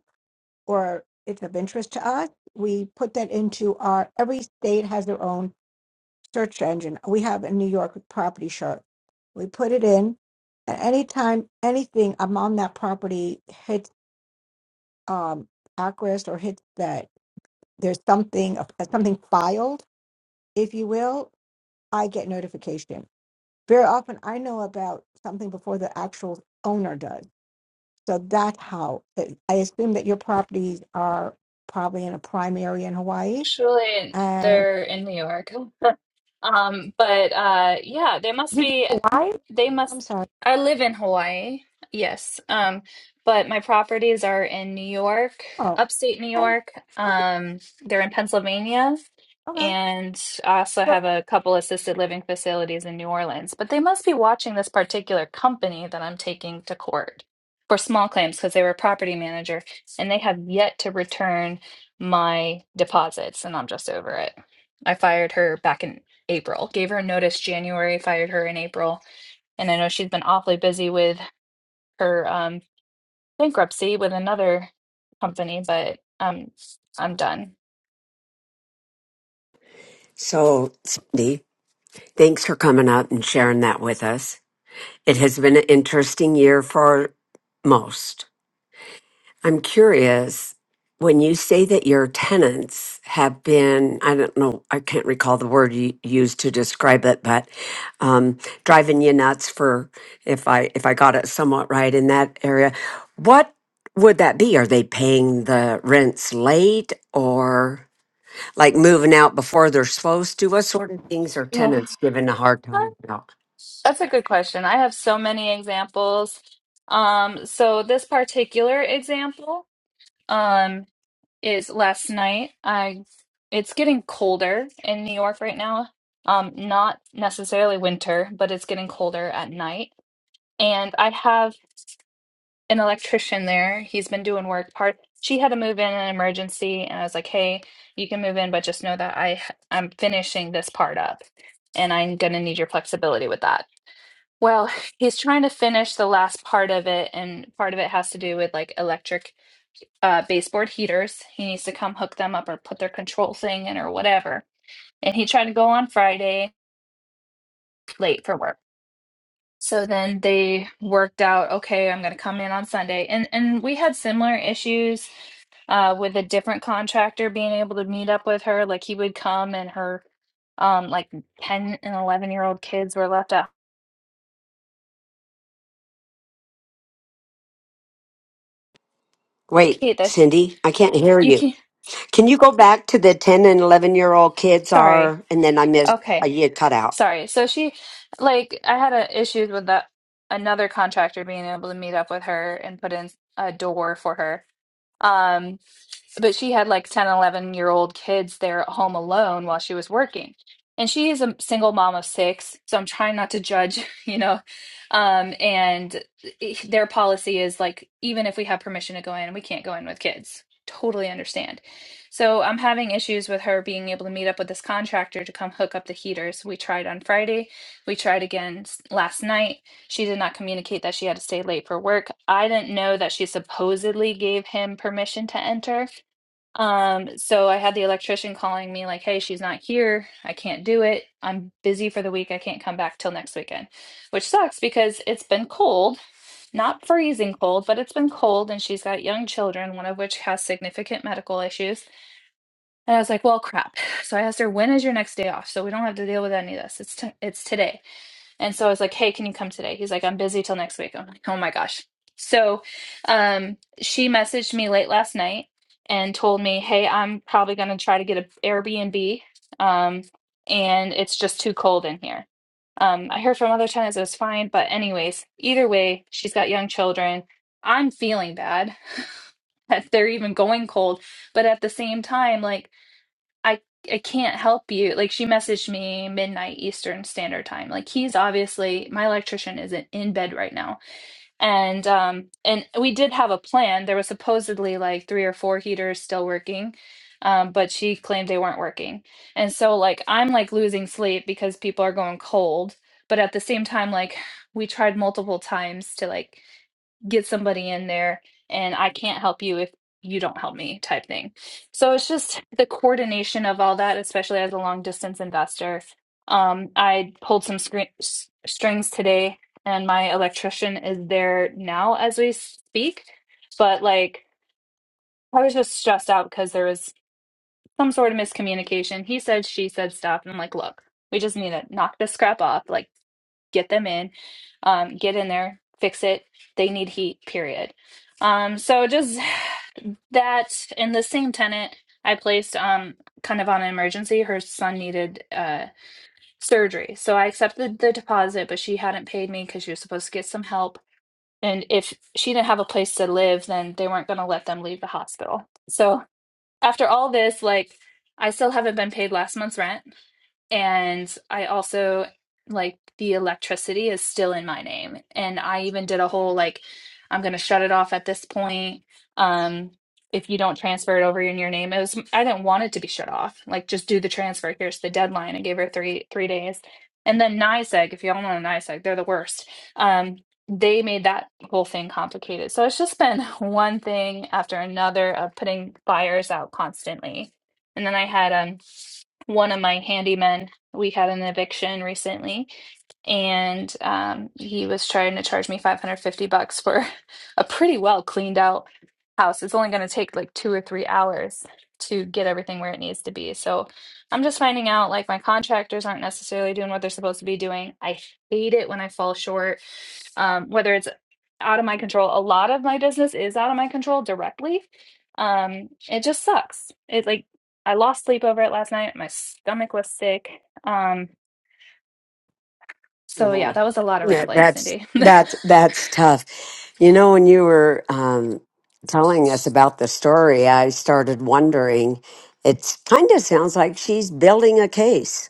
or it's of interest to us, we put that into our every state has their own search engine. We have a New York property shark. We put it in and anytime anything I'm on that property hits um Acris or hits that there's something uh, something filed, if you will, I get notification. Very often, I know about something before the actual owner does. So that's how I I assume that your properties are probably in a prime area in Hawaii.
Surely
And
they're in New York. Um, but uh, yeah, they must
you said
be.
Hawaii?
They must.
I'm sorry.
I live in Hawaii, yes. Um, but my properties are in New York,
Oh,
upstate New
okay,
York.
okay,
Um, they're in Pennsylvania,
okay.
and I also
So
have a couple assisted living facilities in New Orleans. But they must be watching this particular company that I'm taking to court for small claims because they were a property manager, and they have yet to return my deposits, and I'm just over it. I fired her back in April, gave her a notice January, fired her in April and I know she's been awfully busy with her um, bankruptcy with another company, but um, I'm done.
So, Cindy, thanks for coming up and sharing that with us. It has been an interesting year for most. I'm curious when you say that your tenants have been, I don't know, I can't recall the word you used to describe it, but um, driving you nuts for if I if I got it somewhat right in that area. What would that be? Are they paying the rents late or like moving out before they're supposed to? What sort of things are
Ugh.
tenants giving a hard time about?
That's a good question. I have so many examples. Um, so this particular example um, is last night. I it's getting colder in New York right now. Um, not necessarily winter, but it's getting colder at night. And I have an electrician there. He's been doing work part. She had to move in an emergency, and I was like, "Hey, you can move in, but just know that I h- I'm finishing this part up, and I'm gonna need your flexibility with that." Well, he's trying to finish the last part of it, and part of it has to do with like electric uh, baseboard heaters. He needs to come hook them up or put their control thing in or whatever. And he tried to go on Friday late for work. So then they worked out, okay, I'm going to come in on Sunday. And and we had similar issues uh, with a different contractor being able to meet up with her. Like he would come and her, um, like 10 and 11 year old kids were left out.
Wait,
Kate, that
Cindy, I can't hear
you
you.
can't,
Can you go back to the 10 and 11 year old kids
sorry.
are, and then I missed, uh,
Okay.
you cut out.
Sorry. So she, like, I had a issues with that another contractor being able to meet up with her and put in a door for her. Um, but she had like 1011 year old kids there at home alone while she was working and she is a single mom of six so i'm trying not to judge you know um and i- their policy is like even if we have permission to go in we can't go in with kids totally understand so i'm having issues with her being able to meet up with this contractor to come hook up the heaters we tried on friday we tried again s- last night she did not communicate that she had to stay late for work i didn't know that she supposedly gave him permission to enter um, so I had the electrician calling me like, "Hey, she's not here. I can't do it. I'm busy for the week. I can't come back till next weekend." Which sucks because it's been cold, not freezing cold, but it's been cold and she's got young children, one of which has significant medical issues. And I was like, "Well, crap." So I asked her, "When is your next day off so we don't have to deal with any of this?" It's t- it's today. And so I was like, hey, can you come today? He's like, I'm busy till next week. I'm like, oh my gosh. So um, she messaged me late last night and told me, hey, I'm probably going to try to get an Airbnb. Um, and it's just too cold in here. Um, I heard from other tenants it was fine. But, anyways, either way, she's got young children. I'm feeling bad that they're even going cold. But at the same time, like, I I can't help you. Like she messaged me midnight Eastern Standard Time. Like he's obviously my electrician isn't in bed right now. And um and we did have a plan. There was supposedly like three or four heaters still working. Um, but she claimed they weren't working. And so like I'm like losing sleep because people are going cold. But at the same time, like we tried multiple times to like get somebody in there and I can't help you if you don't help me type thing. So it's just the coordination of all that, especially as a long distance investor. Um, I pulled some screen, s- strings today and my electrician is there now as we speak. But like, I was just stressed out because there was some sort of miscommunication. He said, she said stuff. And I'm like, look, we just need to knock this crap off. Like, get them in, um, get in there, fix it. They need heat, period. Um, so just that in the same tenant, I placed um kind of on an emergency. Her son needed uh surgery. So I accepted the deposit, but she hadn't paid me because she was supposed to get some help. And if she didn't have a place to live, then they weren't gonna let them leave the hospital. So after all this, like I still haven't been paid last month's rent. And I also like the electricity is still in my name. And I even did a whole like, I'm gonna shut it off at this point. Um, if you don't transfer it over in your name, it was I didn't want it to be shut off. Like just do the transfer. Here's the deadline. I gave her three three days. And then NYSEG, if y'all know NYSEG, they're the worst. Um, they made that whole thing complicated. So it's just been one thing after another of putting fires out constantly. And then I had um one of my handymen we had an eviction recently and um, he was trying to charge me 550 bucks for a pretty well cleaned out house it's only going to take like two or three hours to get everything where it needs to be so i'm just finding out like my contractors aren't necessarily doing what they're supposed to be doing i hate it when i fall short um, whether it's out of my control. A lot of my business is out of my control directly. Um, it just sucks. It like I lost sleep over it last night. My stomach was sick. Um, so yeah,
Mhm.
that was a lot of
Yeah,
rambling,
that's,
Cindy.
that's, that's tough. You know, when you were um, telling us about the story, I started wondering, it kind of sounds like she's building a case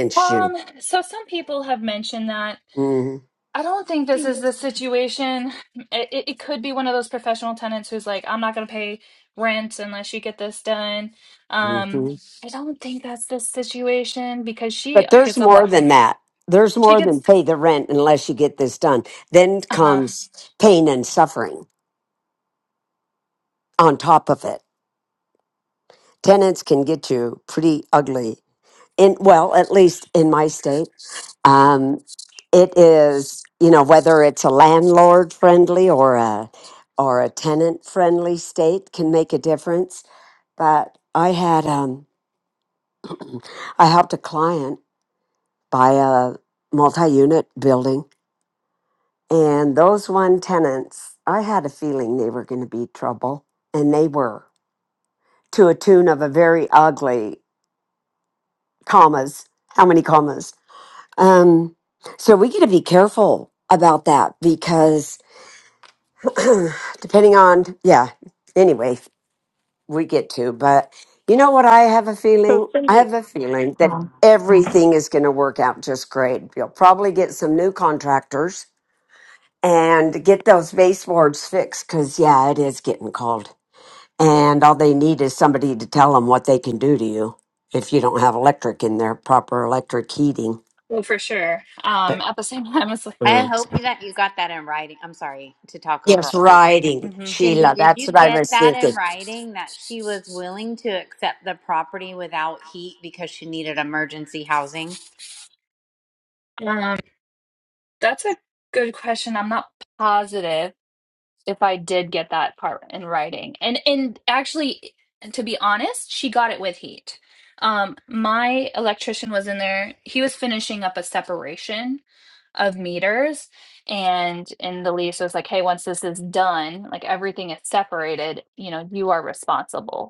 you.
um, so some people have mentioned that.
Mm-hmm.
I don't think this is the situation. It, it, it could be one of those professional tenants who's like, I'm not going to pay rent unless you get this done. Um,
Mm-hmm.
I don't think that's the situation because she
But there's
gets a
more
lot.
than that. There's
She
more than
gets
pay the rent unless you get this done. Then
uh-huh
comes pain and suffering on top of it. tenants can get you pretty ugly in well at least in my state um, it is you know whether it's a landlord friendly or a or a tenant friendly state can make a difference but i had um, i helped a client buy a multi-unit building and those one tenants i had a feeling they were going to be trouble and they were to a tune of a very ugly commas how many commas Um, so we got to be careful about that because depending on, yeah, anyway, we get to, but you know what? I have a
So
feeling, I
Cindy,
have a feeling that everything is going to work out just great. You'll probably get some new contractors and get those baseboards fixed because, yeah, it is getting cold. And all they need is somebody to tell them what they can do to you if you don't have electric in there, proper electric heating.
Well, for sure. Um,
But,
at the same time, it's like,
I hope that you got that in writing. I'm sorry to talk over
Yes,
all y'all.
riding,
Mhm.
Cindy,
Sheila.
did
That's what
you
I
get
was
that
thinking.
in writing that she was willing to accept the property without heat because she needed emergency housing?
um, that's a good question. I'm not positive if I did get that part in writing. And and actually, to be honest, she got it with heat. Um, my electrician was in there. He was finishing up a separation of meters, and in the lease, it was like, hey, once this is done, like everything is separated, you know, you are responsible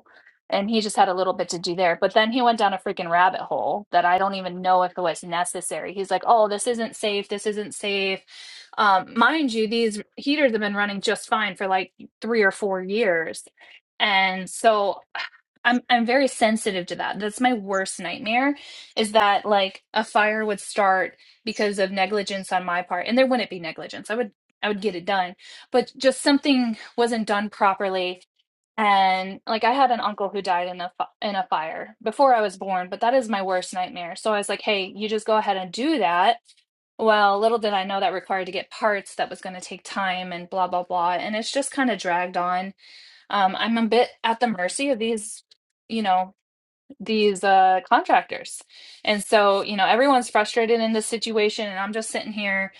and he just had a little bit to do there. But then he went down a freaking rabbit hole that I don't even know if it was necessary. He's like, "Oh, this isn't safe. This isn't safe." Um, mind you, these heaters have been running just fine for like three or four years, and so I'm I'm very sensitive to that. That's my worst nightmare, is that like a fire would start because of negligence on my part, and there wouldn't be negligence. I would I would get it done, but just something wasn't done properly and like I had an uncle who died in a in a fire before I was born, but that is my worst nightmare. So I was like, "Hey, you just go ahead and do that." Well, little did I know that required to get parts that was going to take time and blah blah blah, and it's just kind of dragged on. Um, I'm a bit at the mercy of these, you know, these uh, contractors, and so you know everyone's frustrated in this situation, and I'm just sitting here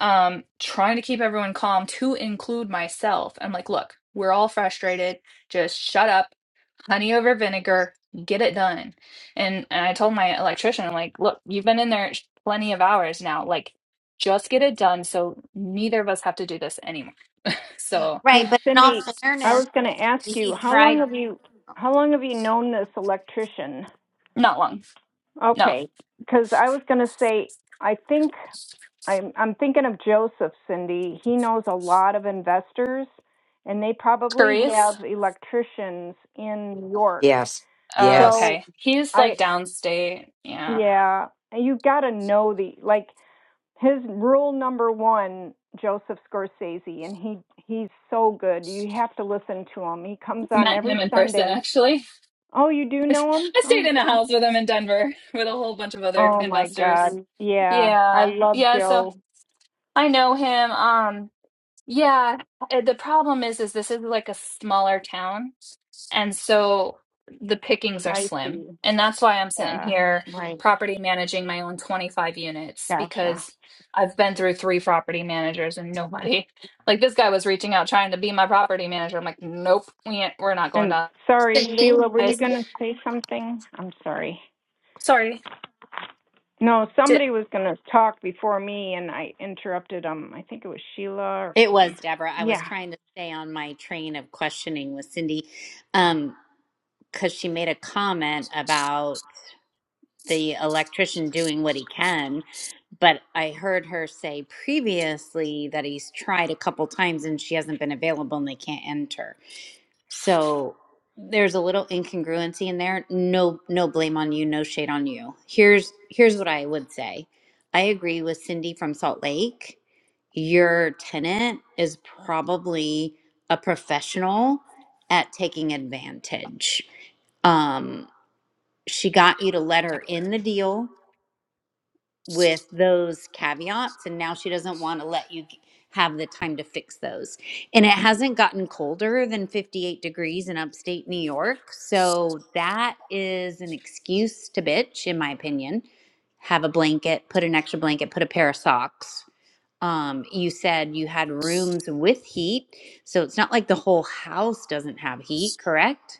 um, trying to keep everyone calm to include myself. I'm like, "Look, we're all frustrated." just shut up honey over vinegar get it done and, and i told my electrician I'm like look you've been in there sh- plenty of hours now like just get it done so neither of us have to do this anymore so
Right,
hey
but in all
Cindy, I
fairness,
was going to ask
he
you how long
tried.
have you how long have you known this electrician?
not long no
Okay, because I was going to say I think I'm I'm thinking of Joseph. Cindy, he knows a lot of investors, and they probably
Therese,
have electricians in New York.
Yes,
uh,
yes.
So
okay he's like
I
downstate yeah
yeah, you got to know the like his rule number one, Joseph Scorsese, and he he's so good. You have to listen to him. He comes on
met him
every
in person
Sunday.
actually
Oh, you do
i
know him?
stayed
Oh,
in a
oh
house with him in denver with a whole bunch of other
Oh, my
investors
God, yeah, I
yeah
love
yeah so
Joe.
i know him um yeah uh, the problem is is this is like a smaller town And so the pickings are
I
slim. And that's why I'm sitting
yeah,
here
my
property managing my own 25 units
gotcha.
because I've been through three property managers and nobody, like this guy was reaching out trying to be my property manager. I'm like, nope, we ain't, we're not going
And
down.
sorry, Sheila,
Cindy,
were you
Guys,
gonna say something? I'm sorry.
sorry.
No,
Did
somebody was gonna talk before me, and I interrupted them. I think it was Sheila. Or,
It was Deborah. I was
yeah.
trying to stay on my train of questioning with Cindy um, because she made a comment about the electrician doing what he can. But I heard her say previously that he's tried a couple times and she hasn't been available and they can't enter. So there's a little incongruency in there. No no blame on you, no shade on you. Here's here's what I would say. I agree with Cindy from Salt Lake. Your tenant is probably a professional at taking advantage. Um she got you to let her in the deal with those caveats and now she doesn't want to let you have the time to fix those and it hasn't gotten colder than 58 degrees in upstate new york so that is an excuse to bitch in my opinion have a blanket put an extra blanket put a pair of socks um, you said you had rooms with heat so it's not like the whole house doesn't have heat correct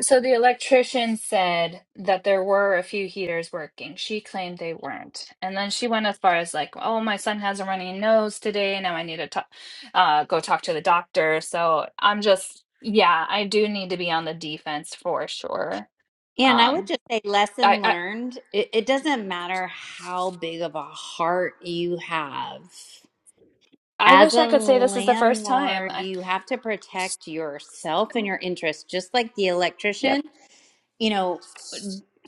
So the electrician said that there were a few heaters working. She claimed they weren't. And then she went as far as like, "Oh, my son has a runny nose today. Now I need to talk, uh, go talk to the doctor." So I'm just, yeah, I do need to be on the defense for sure.
Yeah, and I would
Um,
just say
I
lesson
I,
learned. It, it doesn't matter how big of a heart you have.
I
As
wish I
a
could say this is the first time.
landlord,
I,
you have to protect yourself and your interests, just like the electrician,
yep.
you know,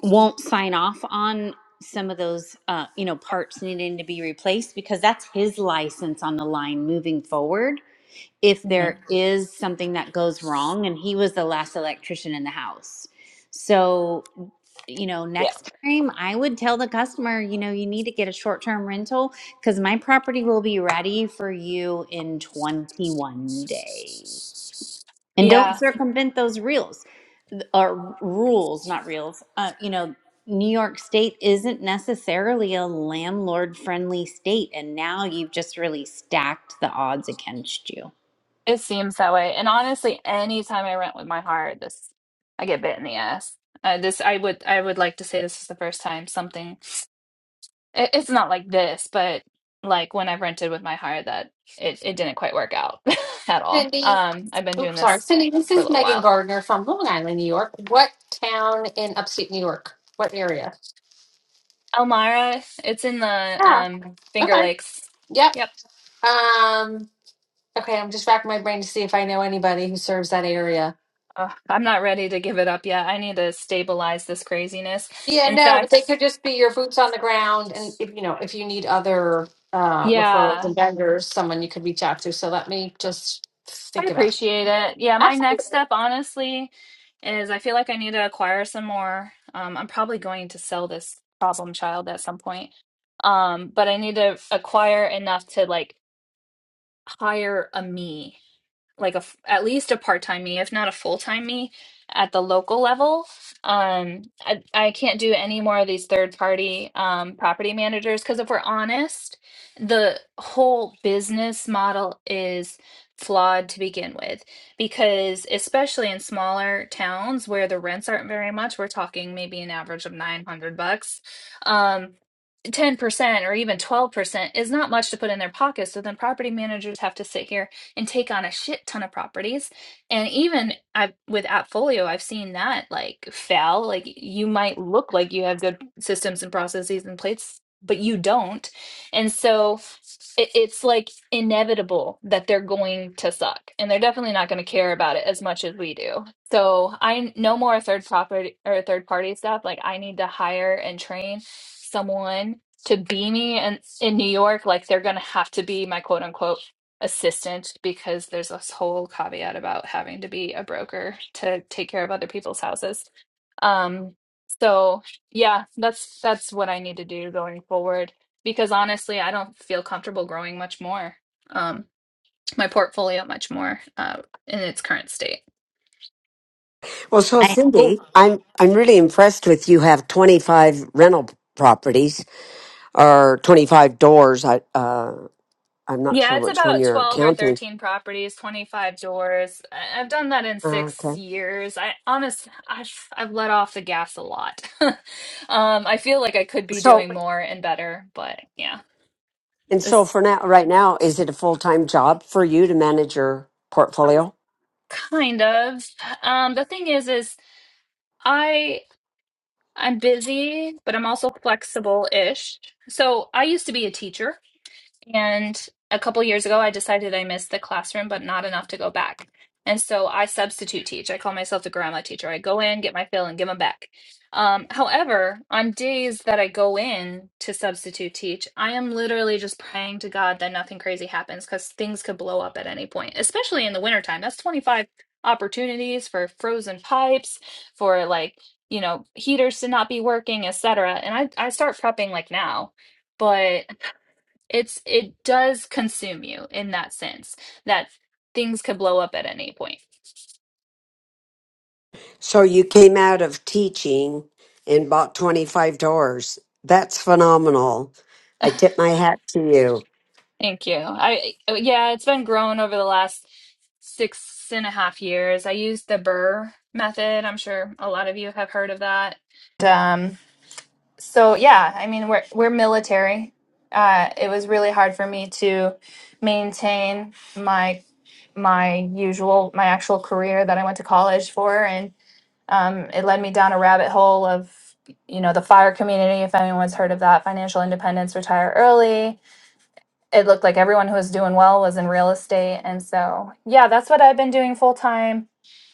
won't sign off on some of those, uh, you know, parts needing to be replaced because that's his license on the line moving forward. If
hmm
there is something that goes wrong, and he was the last electrician in the house. So you know,
Yeah.
next time I would tell the customer, you know, you need to get a short term rental because my property will be ready for you in 21 days. And
Yeah.
don't circumvent those reels th- or rules, not reels. Uh, you know, New York State isn't necessarily a landlord friendly state. And now you've just really stacked the odds against you.
It seems that way. And honestly, anytime I rent with my heart, this I get bit in the ass. Uh, this I would I would like to say this is the first time something it, it's not like this, but like when I've rented with my heart that it, it didn't quite work out at all.
Cindy,
Um, I've been doing
oops, sorry,
this
Cindy. This
for a
is
little
Megan
while.
Gardner from Long Island, New York. What town in upstate New York? What area?
Elmira, it's in the
Yeah.
um Finger
Okay.
Lakes.
Yep.
Yep.
Um. Okay, I'm just racking my brain to see if I know anybody who serves that area.
Ugh, I'm not ready to give it up yet. I need to stabilize this craziness.
Yeah,
In
no, but
fact,
they could just be your boots on the ground, and if you know, if you need other uh, referrals
yeah.
and vendors, someone you could reach out to. So let me just
I
think about. that.
appreciate it. Yeah, my next
Absolutely.
step, honestly, is I feel like I need to acquire some more. Um, I'm probably going to sell this problem child at some point. Um, but I need to acquire enough to like hire a me like a f- at least a part-time me if not a full-time me at the local level um i, I can't do any more of these third-party um, property managers because if we're honest the whole business model is flawed to begin with because especially in smaller towns where the rents aren't very much we're talking maybe an average of 900 bucks Um. 10% or even 12% is not much to put in their pocket. So then property managers have to sit here and take on a shit ton of properties. And even I, with Appfolio, I've seen that like fail. Like you might look like you have good systems and processes and plates, but you don't. And so it, it's like inevitable that they're going to suck and they're definitely not going to care about it as much as we do. So I no more third property or third party stuff. Like I need to hire and train someone to be me in, in New York, like they're going to have to be my quote unquote assistant because there's this whole caveat about having to be a broker to take care of other people's houses. Um, so yeah, that's that's what I need to do going forward because honestly, I don't feel comfortable growing much more. Um, my portfolio much more uh, in its current state.
Well, so
I, oh,
Cindy, I'm I'm really impressed with you have 25 rental properties or 25 doors. I uh, I'm not
Yeah,
sure
it's
which one
about
you're
12 or
counting.
13 properties, 25 doors. I- I've done that in
Uh, okay.
six years. I honest, I've, I've let off the gas a lot. um, I feel like I could be
So
doing more and better, but yeah,
and so
this
for now, right now, is it a full time job for you to manage your portfolio?
kind of. Um, the thing is, is I I'm busy, but I'm also flexible-ish. So I used to be a teacher. And a couple years ago, I decided I missed the classroom, but not enough to go back. And so I substitute teach. I call myself the grandma teacher. I go in, get my fill, and give them back. Um, however, on days that I go in to substitute teach, I am literally just praying to God that nothing crazy happens because things could blow up at any point, especially in the wintertime. That's 25 opportunities for frozen pipes, for like, you know, heaters to not be working, etc. And I, I start prepping like now. But it's it does consume you in that sense that things could blow up at any point
So you came out of teaching and bought 25 doors. That's phenomenal. I tip my hat to you.
thank you i yeah it's been grown over the last six and a half years i used the burr method i'm sure a lot of you have heard of that And, um so yeah i mean we're we're military uh it was really hard for me to maintain my my usual my actual career that i went to college for and. Um, it led me down a rabbit hole of, you know, the fire community, if anyone's heard of that, financial independence, retire early, it looked like everyone who was doing well was in real estate. And so, yeah, that's what I've been doing full time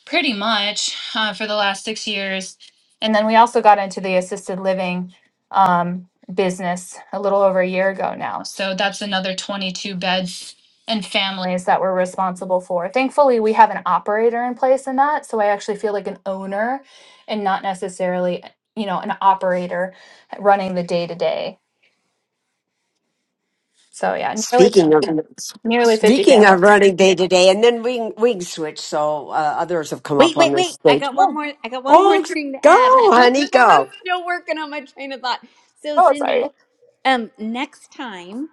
pretty much uh, for the last six years. And then we also got into the assisted living um, business a little over a year ago now. So that's another 22 beds and families that we're responsible for. Thankfully, we have an operator in place in that. So I actually feel like an owner and not necessarily, you know, an operator running the day to day. So yeah, nearly
Speaking of
nearly 50
speaking of
families.
running day to day, and then we can- we can switch. So uh, others have come up
Wait,
on
wait,
this
wait. I
stage.
got one
Oh,
more I got one more
Oh,
thing to
go,
add. I
honey,
was
go.
still working on my train of thought. So
oh sorry.
Cindy, um next time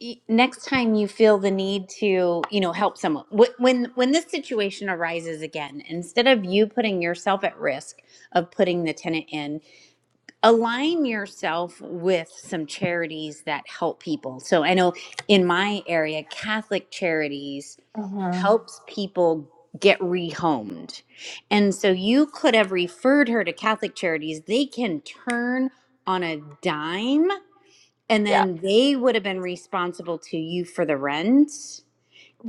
y- next time you feel the need to, you know, help someone wh- when when this situation arises again, instead of you putting yourself at risk of putting the tenant in, align yourself with some charities that help people. So I know in my area, Catholic Charities
Mhm.
helps people get rehomed. And so you could have referred her to Catholic Charities. They can turn on a dime and
Yeah,
then they would have been responsible to you for the rent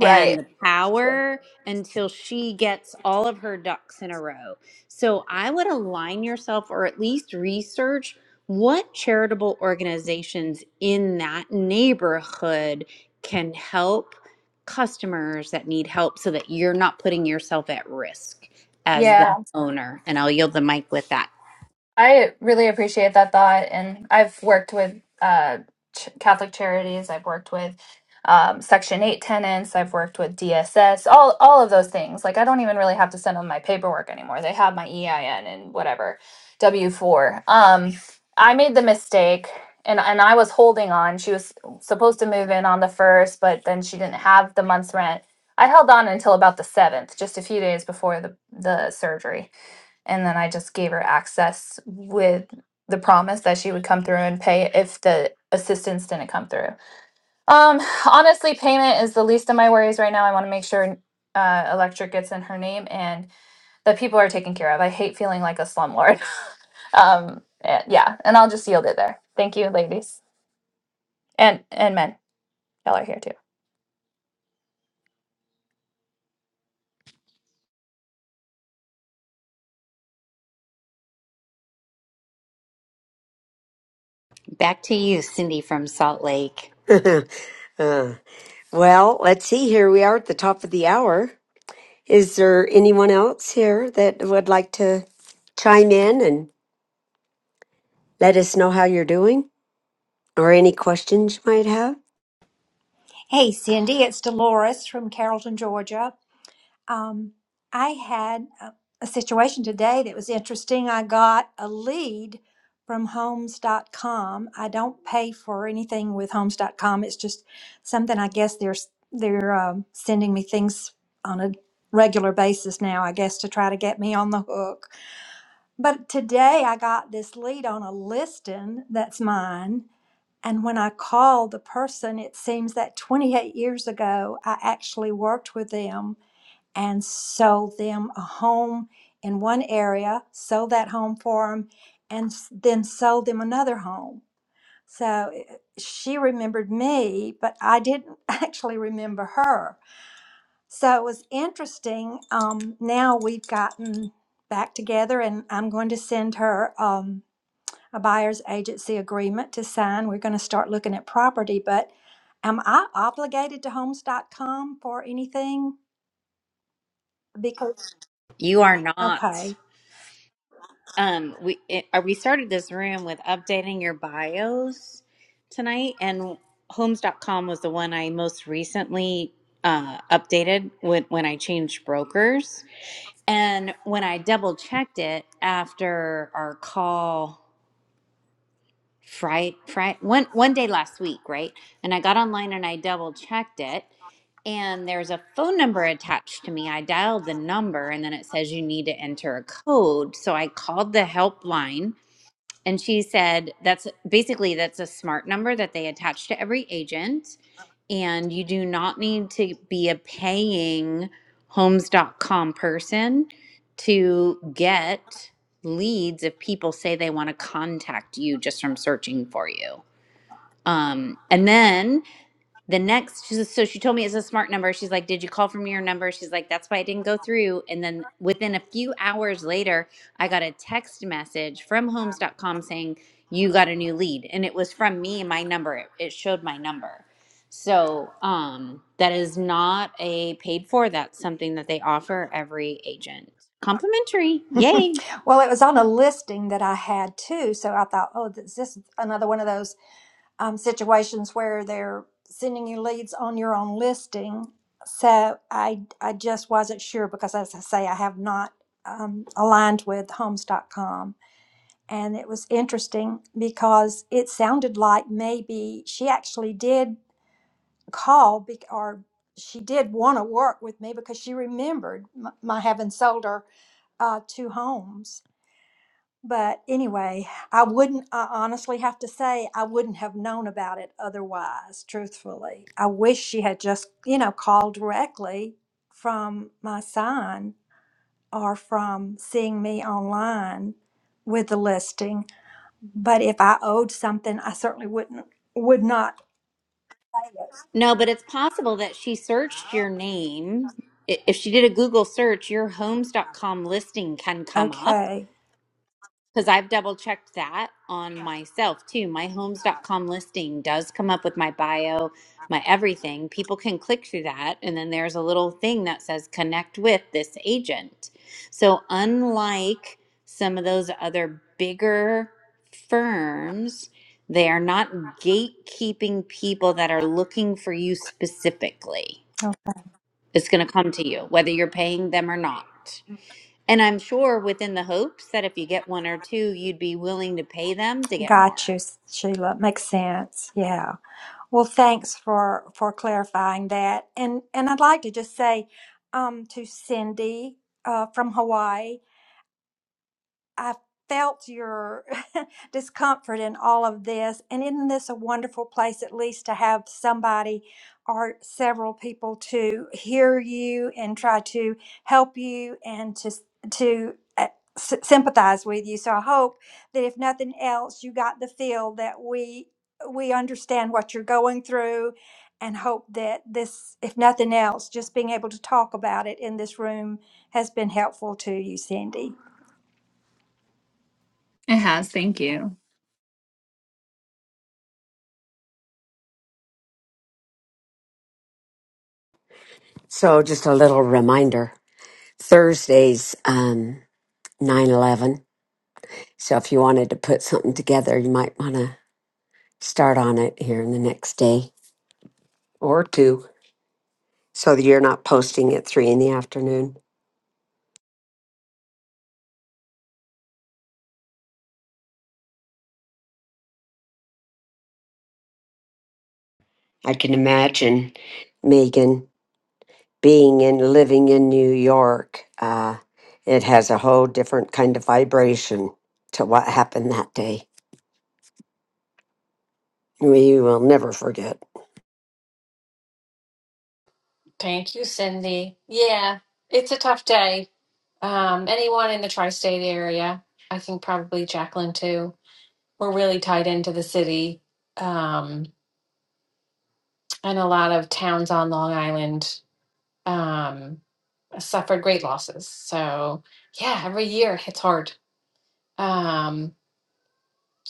and the power until she gets all of her ducks in a row. So I would align yourself or at least research what charitable organizations in that neighborhood can help customers that need help so that you're not putting yourself at risk as
Yeah.
the owner. And I'll yield the mic with that.
I really appreciate that thought, and I've worked with uh, ch- Catholic charities. I've worked with um, Section Eight tenants. I've worked with DSS. All all of those things. Like I don't even really have to send them my paperwork anymore. They have my EIN and whatever W four. Um, I made the mistake, and and I was holding on. She was supposed to move in on the first, but then she didn't have the month's rent. I held on until about the seventh, just a few days before the the surgery and then I just gave her access with the promise that she would come through and pay if the assistance didn't come through. Um, honestly, payment is the least of my worries right now. I want to make sure uh, electric gets in her name and that people are taken care of. I hate feeling like a slumlord. Um, eh, yeah, and I'll just yield it there. Thank you, ladies and and men. Y'all are here too.
Back to you, Cindy from Salt Lake.
Uh, well, let's see. Here we are at the top of the hour. Is there anyone else here that would like to chime in and let us know how you're doing or any questions you might have?
Hey, Cindy, it's Dolores from Carrollton, Georgia. Um, I had a, a situation today that was interesting. I got a lead from homes.com. I don't pay for anything with homes.com. It's just something I guess they're s- they're um, sending me things on a regular basis now, I guess to try to get me on the hook. But today I got this lead on a listing that's mine and when I call the person, it seems that 28 years ago, I actually worked with them and sold them a home in one area, sold that home for them, and s- then sold them another home. So eh, she remembered me, but I didn't actually remember her. So it was interesting. Um, now we've gotten back together, and I'm going to send her. Um, a buyer's agency agreement to sign. We're going to start looking at property, but am I obligated to Homes dot com for anything? Because,
You are not.
okay.
um we it, uh, we started this room with updating your bios tonight and homes dot com was the one i most recently uh, updated when, when i changed brokers and when i double checked it after our call friday, friday one, one day last week right and i got online and i double checked it and there's a phone number attached to me. I dialed the number and then it says you need to enter a code. So I called the helpline and she said that's basically that's a smart number that they attach to every agent and you do not need to be a paying Homes. dot com person to get leads if people say they want to contact you just from searching for you um, and then the next she says, so she told me it's a smart number she's like did you call from your number she's like that's why it didn't go through and then within a few hours later i got a text message from homes.com saying you got a new lead and it was from me my number it, it showed my number so um that is not a paid for that's something that they offer every agent complimentary yay
well, it was on a listing that I had too. So I thought, oh, this this is another one of those um, situations where they're sending you leads on your own listing. So I, I just wasn't sure because, as I say, I have not um, aligned with Homes dot com. and it was interesting because it sounded like maybe she actually did call bec- or she did want to work with me because she remembered m- my having sold her uh, two homes. But anyway, I wouldn't, I honestly have to say, I wouldn't have known about it otherwise, truthfully. I wish she had just, you know, called directly from my sign or from seeing me online with the listing but if I owed something, I certainly wouldn't would not pay
No, but it's possible that she searched your name. I- If she did a Google search, your Homes dot com listing can
it.
come up
Okay.
because I've double checked that on myself too. My Homes dot com listing does come up with my bio, my everything. People can click through that. And then there's a little thing that says connect with this agent. So, unlike some of those other bigger firms, they are not gatekeeping people that are looking for you specifically.
Oh,
It's going to come to you, whether you're paying them or not. And I'm sure within the hopes that if you get one or two, you'd be willing to pay them to get
Got
more.
you, Sheila. Makes sense. Yeah. Well, thanks for for clarifying that. And and I'd like to just say um, to Cindy uh, from Hawaii. I felt your discomfort in all of this. And isn't this a wonderful place, at least, to have somebody or several people to hear you and try to help you and to to uh, s- sympathize with you? So I hope that if nothing else, you got the feel that we we understand what you're going through and hope that this if nothing else just being able to talk about it in this room has been helpful to you cindy
It has. Thank you.
So just a little reminder. Thursday's um nine 11 So if you wanted to put something together, you might want to start on it here in the next day or two. So that you're not posting at three in the afternoon. I can imagine Megan being in living in New York. Uh it has a whole different kind of vibration to what happened that day. We will never forget.
Thank you, Cindy. Yeah, it's a tough day. Um, anyone in the tri state area, I think probably Jacqueline too. We're really tied into the city um, and a lot of towns on Long Island um, suffered great losses. So, yeah, every year it's hard. Um,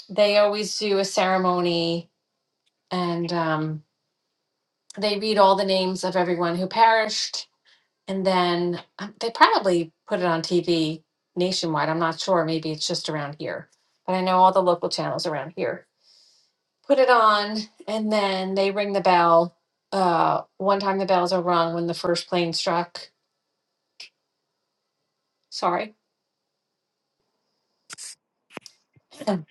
they always do a ceremony and um, they read all the names of everyone who perished. And then um, they probably put it on TV nationwide. I'm not sure. Maybe it's just around here but I know all the local channels around here put it on, and then they ring the bell. Uh, one time the bells are rung when the first plane struck. Sorry. then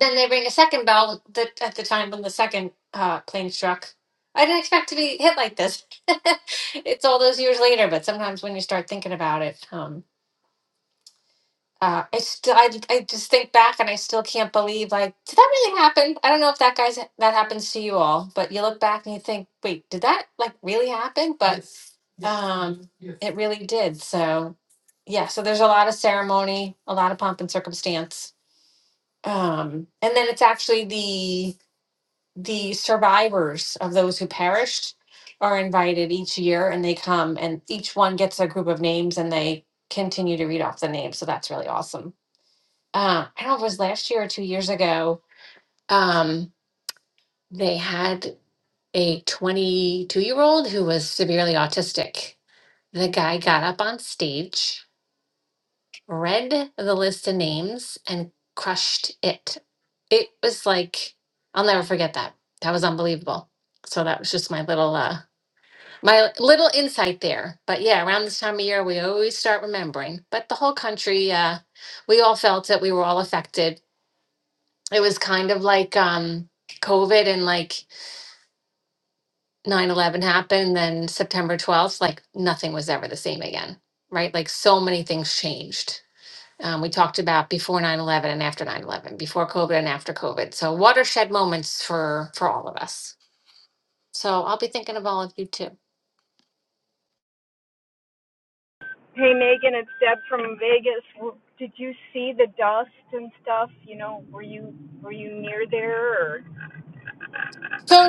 they ring a second bell that at the time when the second uh, plane struck. I didn't expect to be hit like this. it's all those years later, but sometimes when you start thinking about it, um, uh, I still, I, I just think back and I still can't believe, like, did that really happen? I don't know if that guy's that happens to you all, but you look back and you think, wait, did that like really happen? But Yes, yes, um, yes. it really did. So yeah, so there's a lot of ceremony, a lot of pomp and circumstance, um, and then it's actually the the survivors of those who perished are invited each year, and they come, and each one gets a group of names, and they continue to read off the names. So that's really awesome uh, I don't know if it was last year or two years ago, um, they had a 22 year old who was severely autistic. The guy got up on stage, read the list of names, and crushed it. It was like, I'll never forget that. That was unbelievable. So that was just my little uh my little insight there. But yeah, around this time of year we always start remembering. But the whole country uh we all felt it. We were all affected it was kind of like um covid and like 9-11 happened then september 12th like nothing was ever the same again right like so many things changed um, we talked about before 9-11 and after 9-11 before covid and after covid so watershed moments for for all of us so i'll be thinking of all of you too
Hey Megan, it's Deb from Vegas. W- Did you see the dust and stuff? You know, were you were you near there? Or
So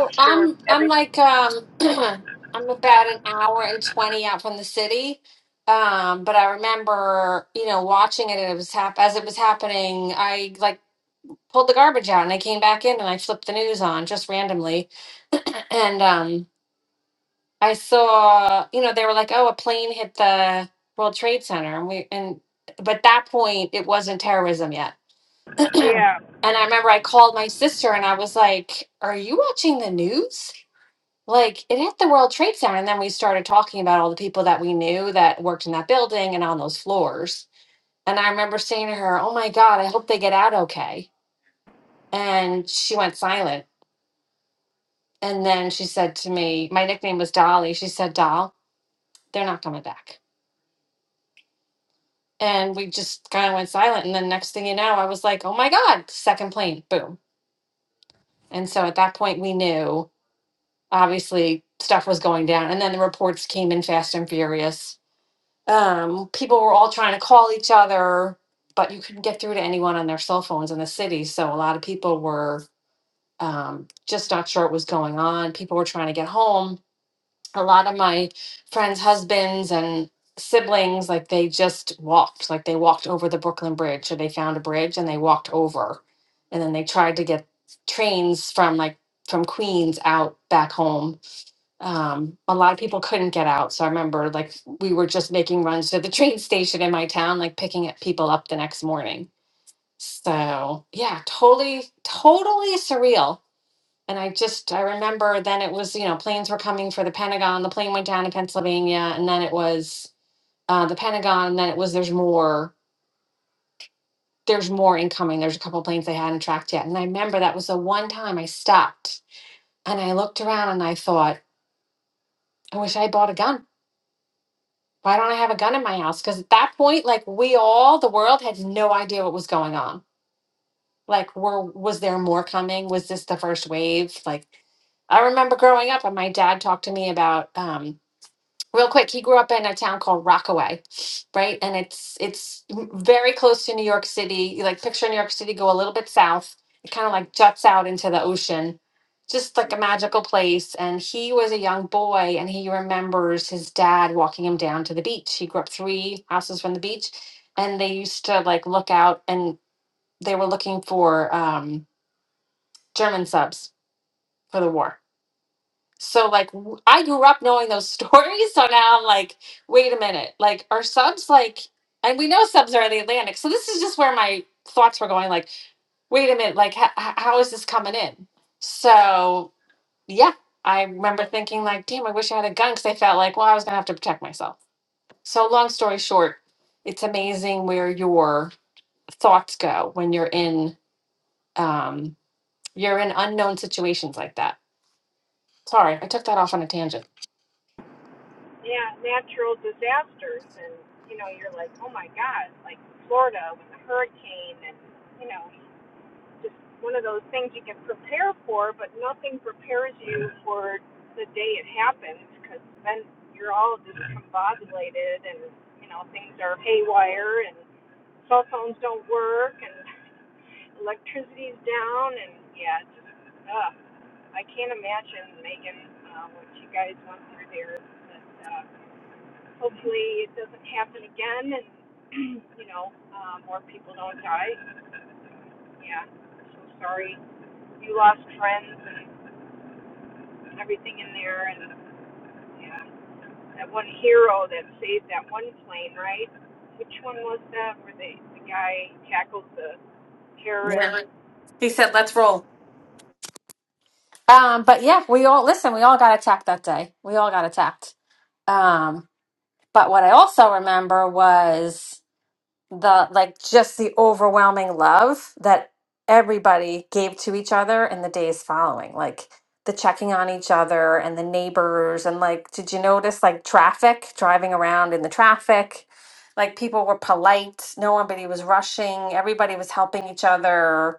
I'm sure
I'm I'm
every
like um I'm about an hour and twenty out from the city. Um, but I remember, you know, watching it and it was hap as it was happening, I like pulled the garbage out and I came back in and I flipped the news on just randomly. And um I saw, you know, they were like, Oh, a plane hit the World Trade Center and we and but at that point it wasn't terrorism yet.
yeah.
And I remember I called my sister and I was like, Are you watching the news? like it hit the World Trade Center, and then we started talking about all the people that we knew that worked in that building and on those floors. And I remember saying to her, "Oh my God, I hope they get out okay." And she went silent. And then she said to me, "My nickname was Dolly." She said, "Doll, they're not coming back." And we just kind of went silent. And then next thing you know, I was like, "Oh my God, second plane, boom!" And so at that point, we knew obviously stuff was going down. And then the reports came in fast and furious um, people were all trying to call each other, but you couldn't get through to anyone on their cell phones in the city. So a lot of people were um, just not sure what was going on. People were trying to get home. A lot of my friends' husbands and siblings, like they just walked, like they walked over the Brooklyn Bridge. So they found a bridge and they walked over. And then they tried to get trains from like from Queens out back home um, a lot of people couldn't get out. So I remember like we were just making runs to the train station in my town, like picking up people up the next morning. So yeah, totally, totally surreal. And I just I remember then it was you know planes were coming for the Pentagon. The plane went down in Pennsylvania, and then it was uh, the Pentagon, and then it was there's more. There's more incoming. There's a couple planes they hadn't tracked yet. And I remember that was the one time I stopped and I looked around and I thought, I wish I bought a gun. Why don't I have a gun in my house? Because at that point, like we all, the world had no idea what was going on. Like, were was there more coming? Was this the first wave? Like, I remember growing up, and my dad talked to me about um, real quick he grew up in a town called rockaway right and it's it's m- very close to new york city You, like picture new york city go a little bit south it kind of like juts out into the ocean just like a magical place and he was a young boy and he remembers his dad walking him down to the beach he grew up three houses from the beach and they used to like look out and they were looking for um, german subs for the war so like w- I grew up knowing those stories, so now I'm like, wait a minute, like are subs like, and we know subs are in the Atlantic, so this is just where my thoughts were going. Like, wait a minute, like h- h- how is this coming in? So yeah, I remember thinking like, damn, I wish I had a gun because I felt like, well, I was gonna have to protect myself. So long story short, it's amazing where your thoughts go when you're in um, you're in unknown situations like that. Sorry, I took that off on a tangent. Yeah. He said, let's roll. Um, but yeah, we all listen. We all got attacked that day. We all got attacked. Um, but what I also remember was. the like just the overwhelming love that everybody gave to each other in the days following like the checking on each other and the neighbors and like did you notice like traffic driving around in the traffic like people were polite nobody was rushing everybody was helping each other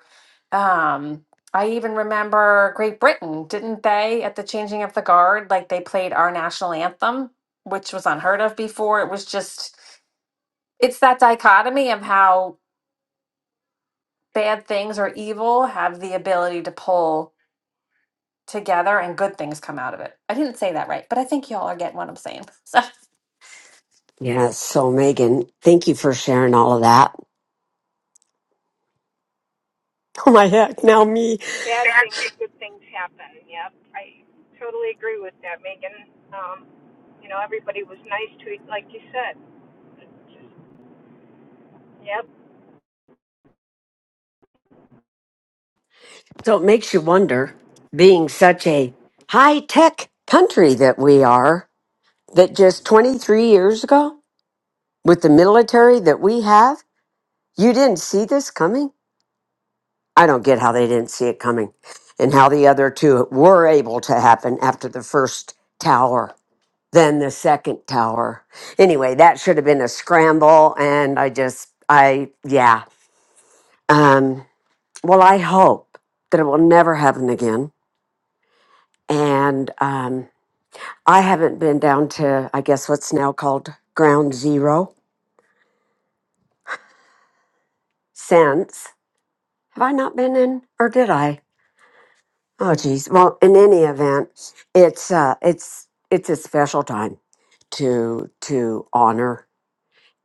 um i even remember great britain didn't they at the changing of the guard like they played our national anthem which was unheard of before it was just it's that dichotomy of how bad things or evil have the ability to pull together and good things come out of it. I didn't say that right, but I think y'all are getting what I'm saying. So,
Yeah, so Megan, thank you for sharing all of that. Oh my heck, now me. So it makes you wonder, being such a high tech country that we are, that just 23 years ago, with the military that we have, you didn't see this coming? I don't get how they didn't see it coming and how the other two were able to happen after the first tower, then the second tower. Anyway, that should have been a scramble. And I just, I, yeah. Um, well, I hope that it will never happen again And um, I haven't been down to, I guess, what's now called ground zero since. Have I not been in, or did I? Oh, geez. Well, in any event, it's uh, it's it's a special time to to honor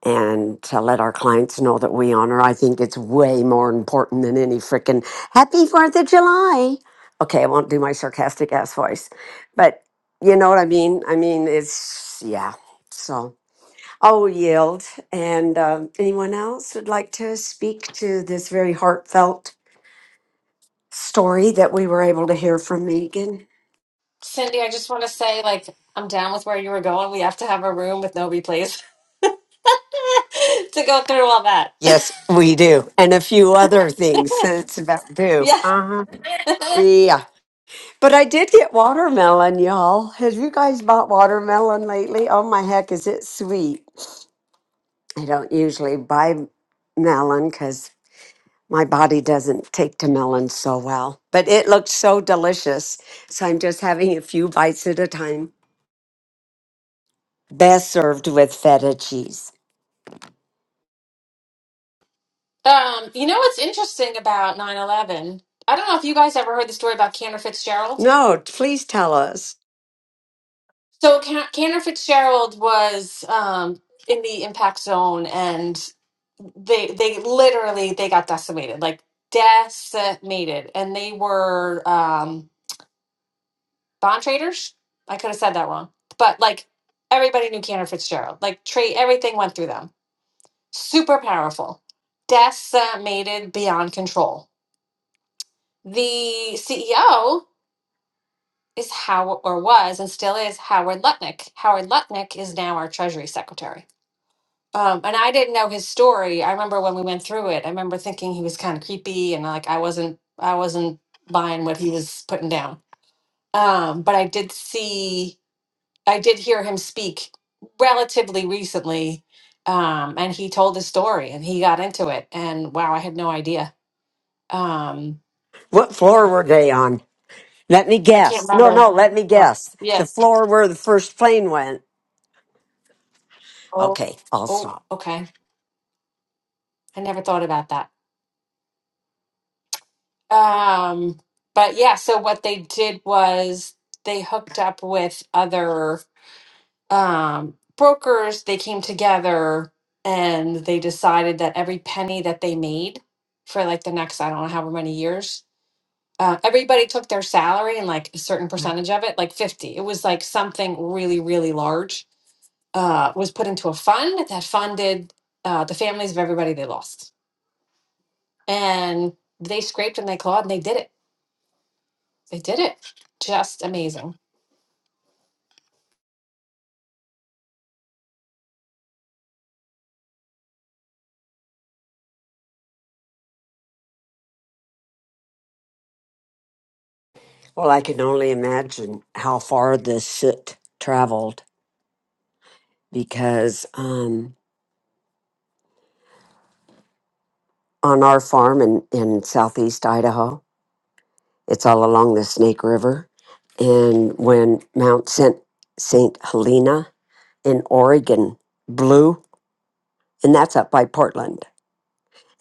and to let our clients know that we honor. I think it's way more important than any freaking Happy Fourth of July. Okay, I won't do my sarcastic ass voice, but you know what I mean. I mean, it's yeah. So. I will yield. And um, anyone else would like to speak to this very heartfelt story that we were able to hear from Megan?
Cindy, I just want to say, like, I'm down with where you were going. We have to have a room with no replays to go through all that.
Yes, we do. And a few other things that it's about due.
yeah.
Uh-huh. Yeah. But I did get watermelon, y'all. Have you guys bought watermelon lately? Oh my heck, is it sweet? I don't usually buy melon because. my body doesn't take to melons so well, but it looked so delicious. So I'm just having a few bites at a time. Best served with feta cheese.
Um, you know what's interesting about 9 11? I don't know if you guys ever heard the story about Cantor Fitzgerald.
No, please tell us.
So, Can- Cantor Fitzgerald was um, in the impact zone, and they they literally they got decimated like decimated and they were um bond traders i could have said that wrong but like everybody knew Cantor fitzgerald like trade everything went through them super powerful decimated beyond control the ceo is how or was and still is howard lutnick howard lutnick is now our treasury secretary Um, and I didn't know his story. I remember when we went through it. I remember thinking he was kind of creepy and like I wasn't I wasn't buying what he was putting down. Um, but I did see I did hear him speak relatively recently. Um, and he told his story and he got into it and wow, I had no idea. Um,
What floor were they on? Let me
I
guess.
can't
No,
remember
no, let me
what.
guess. The
Yeah.
floor where the first plane went.
Oh,
Okay, I'll
oh,
stop.
okay. I never thought about that. Um, but yeah, so what they did was they hooked up with other um, brokers. They came together and they decided that every penny that they made for like the next, I don't know, however many years, uh, everybody took their salary and like a certain percentage of it, like 50. It was like something really, really large, uh, was put into a fund that funded uh, the families of everybody they lost. And they scraped and they clawed and they did it They did it. Just amazing.
Well, I can only imagine how far this soot traveled because um, on our farm in, in southeast Idaho, It's all along the Snake River. And when Mount St. St. Helena in Oregon blew, and that's up by Portland,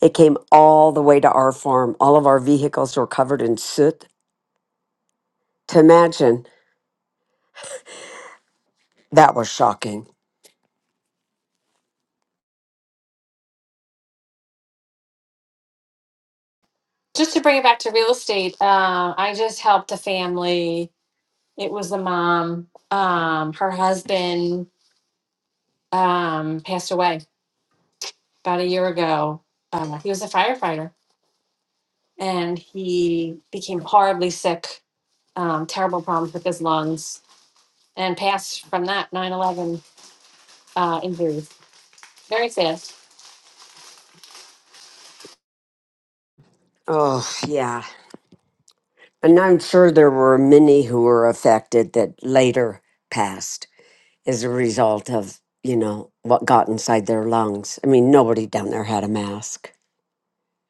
it came all the way to our farm. All of our vehicles were covered in soot. To imagine, that was shocking.
Just to bring it back to real estate, uh, I just helped a family. It was a mom. Um, her husband um, passed away about a year ago. Uh, he was a firefighter and he became horribly sick, um, terrible problems with his lungs, and passed from that nine eleven 11 uh, injuries. Very sad.
Oh, yeah. And I'm sure there were many who were affected that later passed as a result of, you know, what got inside their lungs. I mean, nobody down there had a mask.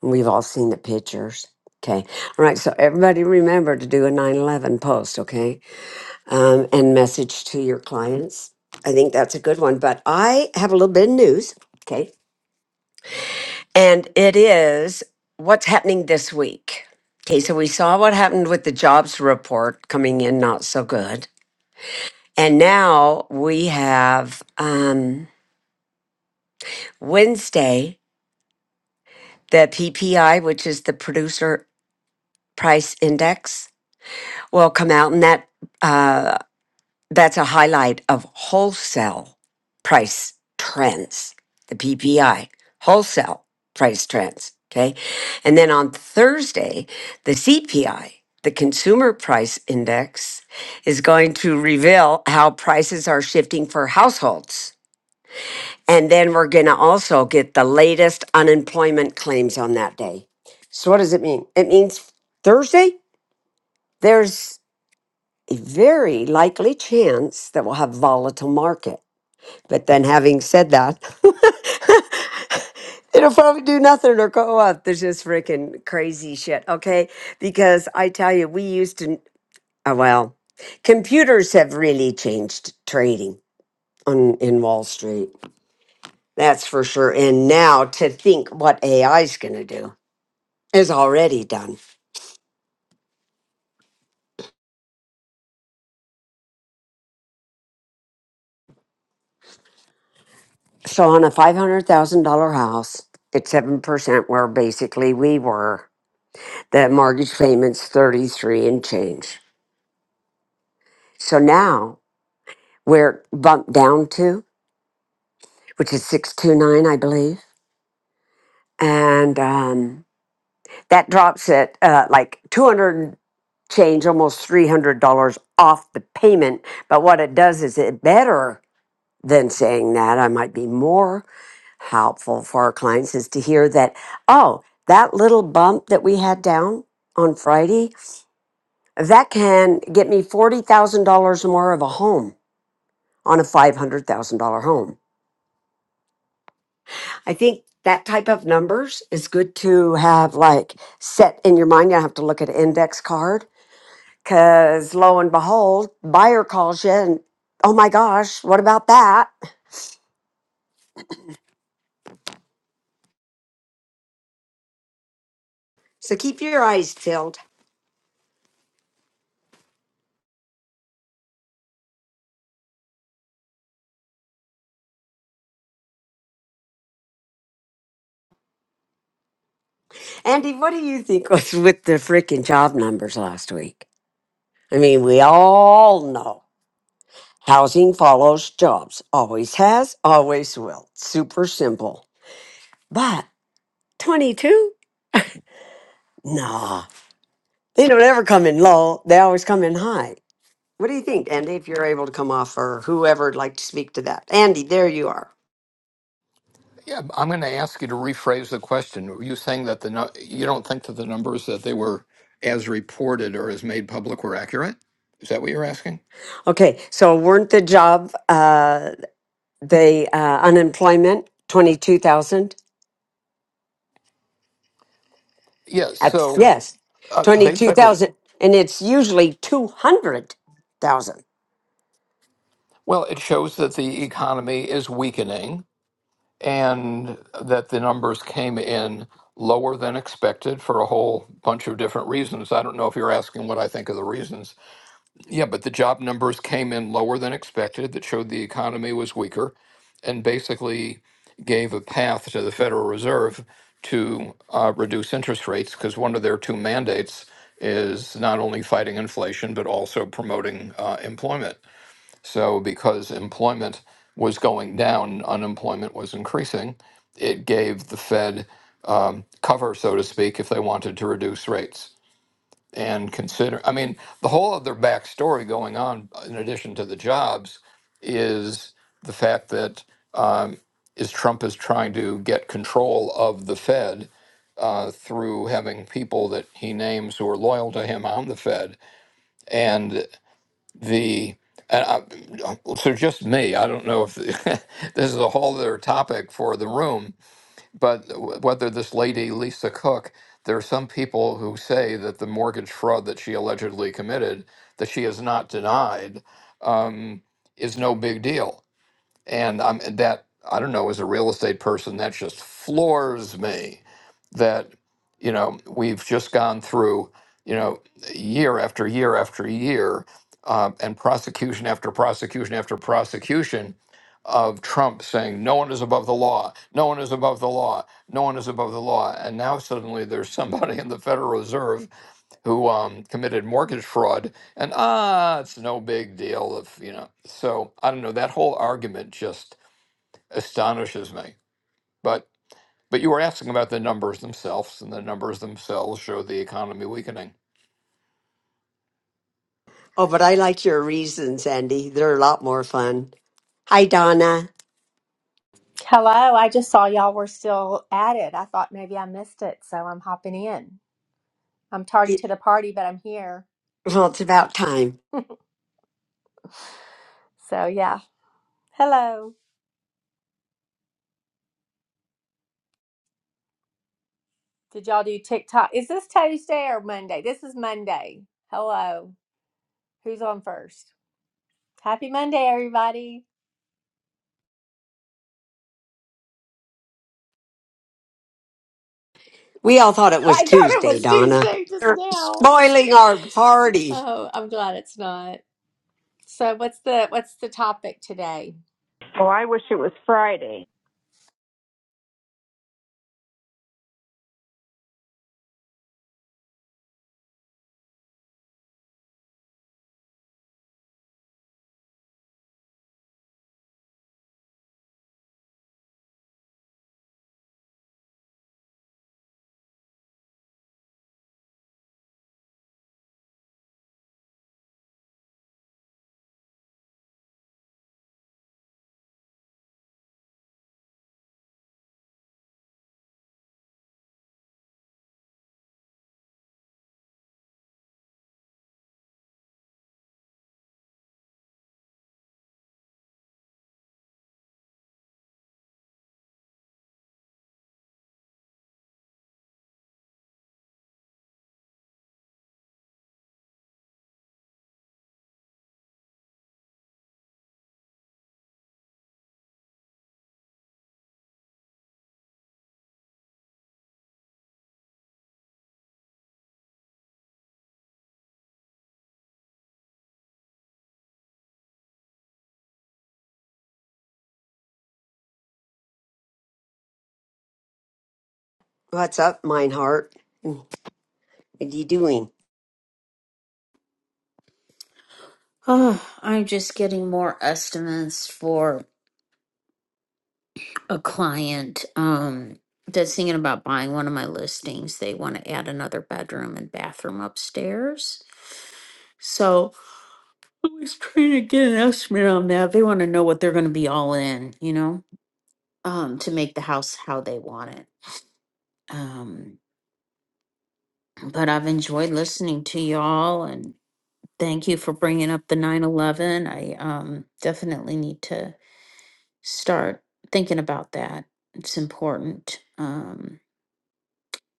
We've all seen the pictures. Okay. All right. So everybody remember to do a nine eleven post, okay? Um, and message to your clients. I think that's a good one. But I have a little bit of news, okay? And it is what's happening this week. Okay. So we saw what happened with the jobs report coming in not so good. And now we have um, Wednesday, the PPI, which is the producer price index will come out, and that uh, that's a highlight of wholesale price trends, the PPI wholesale price trends. Okay, and then on Thursday, the CPI, the Consumer Price Index, is going to reveal how prices are shifting for households. And then we're going to also get the latest unemployment claims on that day. So, what does it mean? It means Thursday, there's a very likely chance that we'll have volatile market. But then having said that, it'll probably do nothing or go up. There's just freaking crazy shit, okay? Because I tell you, we used to uh, well, computers have really changed trading on in Wall Street. That's for sure. And now to think what AI is going to do is already done. So on a $500,000 house, at 7% where basically we were The mortgage payment's 33 and change. So now we're bumped down to, which is 629, I believe. And um, that drops it uh, like 200 change, almost $300 off the payment. But what it does is it better than saying that I might be more helpful for our clients is to hear that, oh, that little bump that we had down on Friday, that can get me $40,000 more of a home on a $500,000 home. I think that type of numbers is good to have like set in your mind. You don't have to look at an index card because lo and behold, buyer calls you and oh my gosh, what about that? So keep your eyes peeled. Andy, what do you think was with the freaking job numbers last week? I mean, we all know housing follows jobs, always has, always will. Super simple. But 22? Nah. They don't ever come in low. They always come in high. What do you think, Andy, if you're able to come off or whoever would like to speak to that? Andy, there you are.
Yeah, I'm going to ask you to rephrase the question. Were you saying that the nu- you don't think that the numbers that they were as reported or as made public were accurate? Is that what you're asking?
Okay, so weren't the job, uh, the uh, unemployment, 22,000?
Yeah. So
Yes,
uh, basically,
22,000. And it's usually 200,000.
well, it shows that the economy is weakening. and that the numbers came in lower than expected for a whole bunch of different reasons. I don't know if you're asking what I think of the reasons. Yeah, but the job numbers came in lower than expected that showed the economy was weaker and basically gave a path to the Federal Reserve to uh, reduce interest rates because one of their two mandates is not only fighting inflation but also promoting uh, employment. So, because employment was going down, unemployment was increasing, it gave the Fed um, cover, so to speak, if they wanted to reduce rates. And consider, I mean, the whole other backstory going on, in addition to the jobs, is the fact that um, is Trump is trying to get control of the Fed uh, through having people that he names who are loyal to him on the Fed. and the and I, so just me i don't know if this is a whole other topic for the room but whether this lady lisa cook there are some people who say that the mortgage fraud that she allegedly committed that she has not denied um, is no big deal and I'm that I don't know as a real estate person that just floors me that you know we've just gone through you know year after year after year um, and prosecution after prosecution after prosecution of Trump saying no one is above the law, no one is above the law, no one is above the law, and now suddenly there's somebody in the Federal Reserve who um, committed mortgage fraud, and ah, it's no big deal if you know. So I don't know. That whole argument just astonishes me. But but you were asking about the numbers themselves, and the numbers themselves show the economy weakening.
Oh, but I like your reasons, Andy. They're a lot more fun. Hi, Donna.
Hello, I just saw y'all were still at it. I thought maybe I missed it, so I'm hopping in. I'm tardy
Y-
to the party, but I'm here.
Well, it's about time.
So, yeah. Hello. Did y'all do TikTok? Is this Tuesday or Monday? This is Monday. Hello. Who's on first? Happy Monday, everybody.
We all thought it was
I thought it
Tuesday,
was
Donna.
Tuesday just
You're
now.
spoiling our party.
Oh, I'm glad it's not. So, what's the what's the topic today?
Oh, I wish it was Friday.
What's up, Meinhardt? What are you doing?
Oh, I'm just getting more estimates for a client um that's thinking about buying one of my listings. They want to add another bedroom and bathroom upstairs. So I was trying to get an estimate on that. They want to know what they're going to be all in, you know, um, to make the house how they want it. Um, but I've enjoyed listening to y'all and thank you for bringing up the 911. I um, definitely need to. start thinking about that. It's important. Um,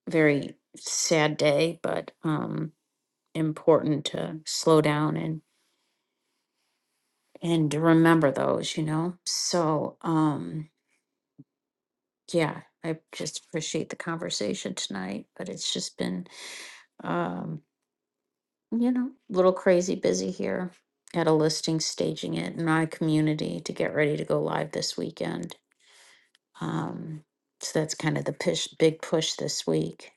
very sad day, but um, important to slow down and and to remember those. You know. So um, yeah, I just appreciate the conversation tonight. But it's just been um, you know a little crazy busy here at a listing staging it in my community to get ready to go live this weekend. Um, so that's kind of the push, big push this week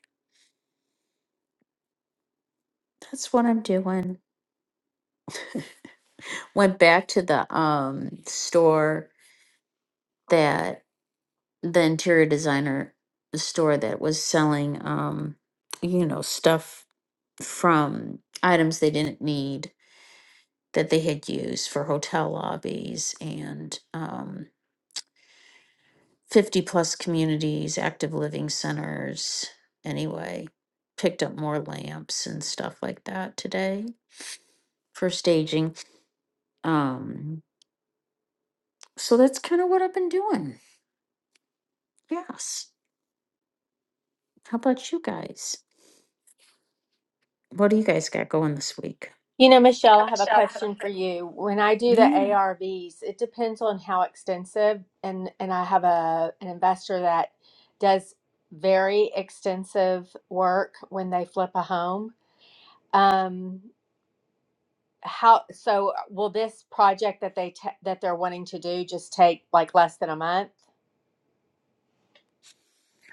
That's what I'm doing. Went back to the um store that the interior designer store that was selling um you know stuff from items they didn't need that they had used for hotel lobbies and um 50 plus communities, active living centers. Anyway, picked up more lamps and stuff like that today for staging. Um so that's kind of what I've been doing. Yes. How about you guys? What do you guys got going this week?
You know, Michelle, I have a question for you. When I do the
Yeah.
ARVs, it depends on how extensive, and and I have a an investor that does very extensive work when they flip a home. Um, how so will this project that they ta that they're wanting to do just take like less than a month?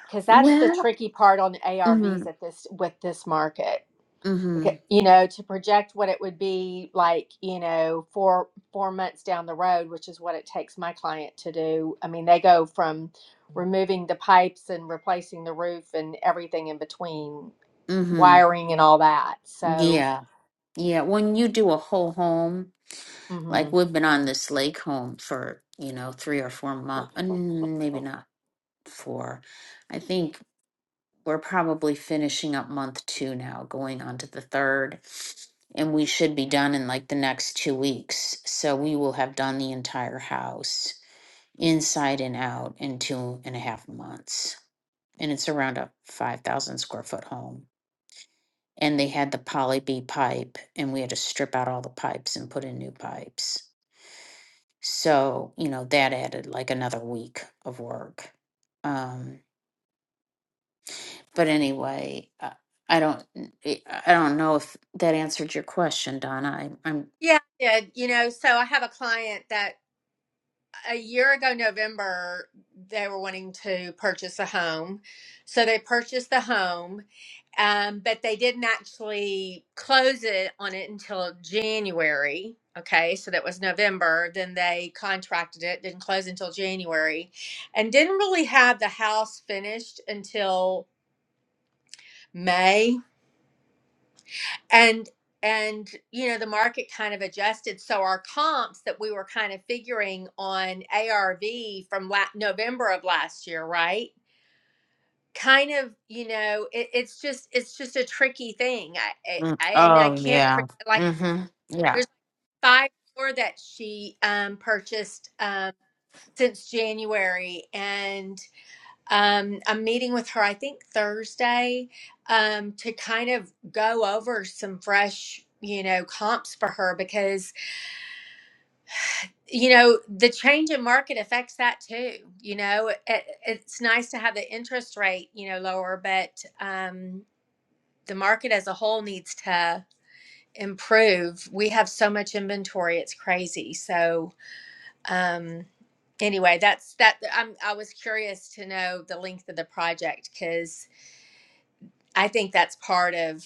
Because that's the
Well,
tricky part on
mm-hmm,
ARVs at this with this market.
mm-hmm,
Okay, you know, to project what it would be like, you know, four four months down the road, which is what it takes my client to do. I mean, they go from removing the pipes and replacing the roof and everything in between,
mm-hmm.
wiring and all that. So,
Yeah, yeah. When you do a whole home,
hmm
like we've been on this lake home for, you know, three or four months, maybe not four. I think we're probably finishing up month two now, going on to the third, and we should be done in like the next two weeks. So we will have done the entire house. inside and out in two and a half months. And it's around a 5,000 square foot home. And they had the poly B pipe, and we had to strip out all the pipes and put in new pipes. So, you know, that added like another week of work. Um, but anyway, uh, I don't, I I don't know if that answered your question, Donna. I, I'm,
Yeah, I did. You know, so I have a client that a year ago November they were wanting to purchase a home. So they purchased the home. Um, but they didn't actually close it on it until January. Okay, so that was November. Then they contracted it, didn't close until January, and didn't really have the house finished until May and and you know the market kind of adjusted so our comps that we were kind of figuring on arv from la- november of last year right kind of you know it, it's just it's just a tricky thing I,
Mm,
I and i
oh
can't pre-
yeah.
like
Mm-hmm. Yeah,
there's five more that she um purchased um since january um, I'm meeting with her, I think Thursday, um, to kind of go over some fresh, you know, comps for her because, you know, the change in market affects that too. You know, it, it's nice to have the interest rate, you know, lower, but um, the market as a whole needs to improve. We have so much inventory, it's crazy. So, um, anyway, that's that. I'm, I was curious to know the length of the project because. I think that's part of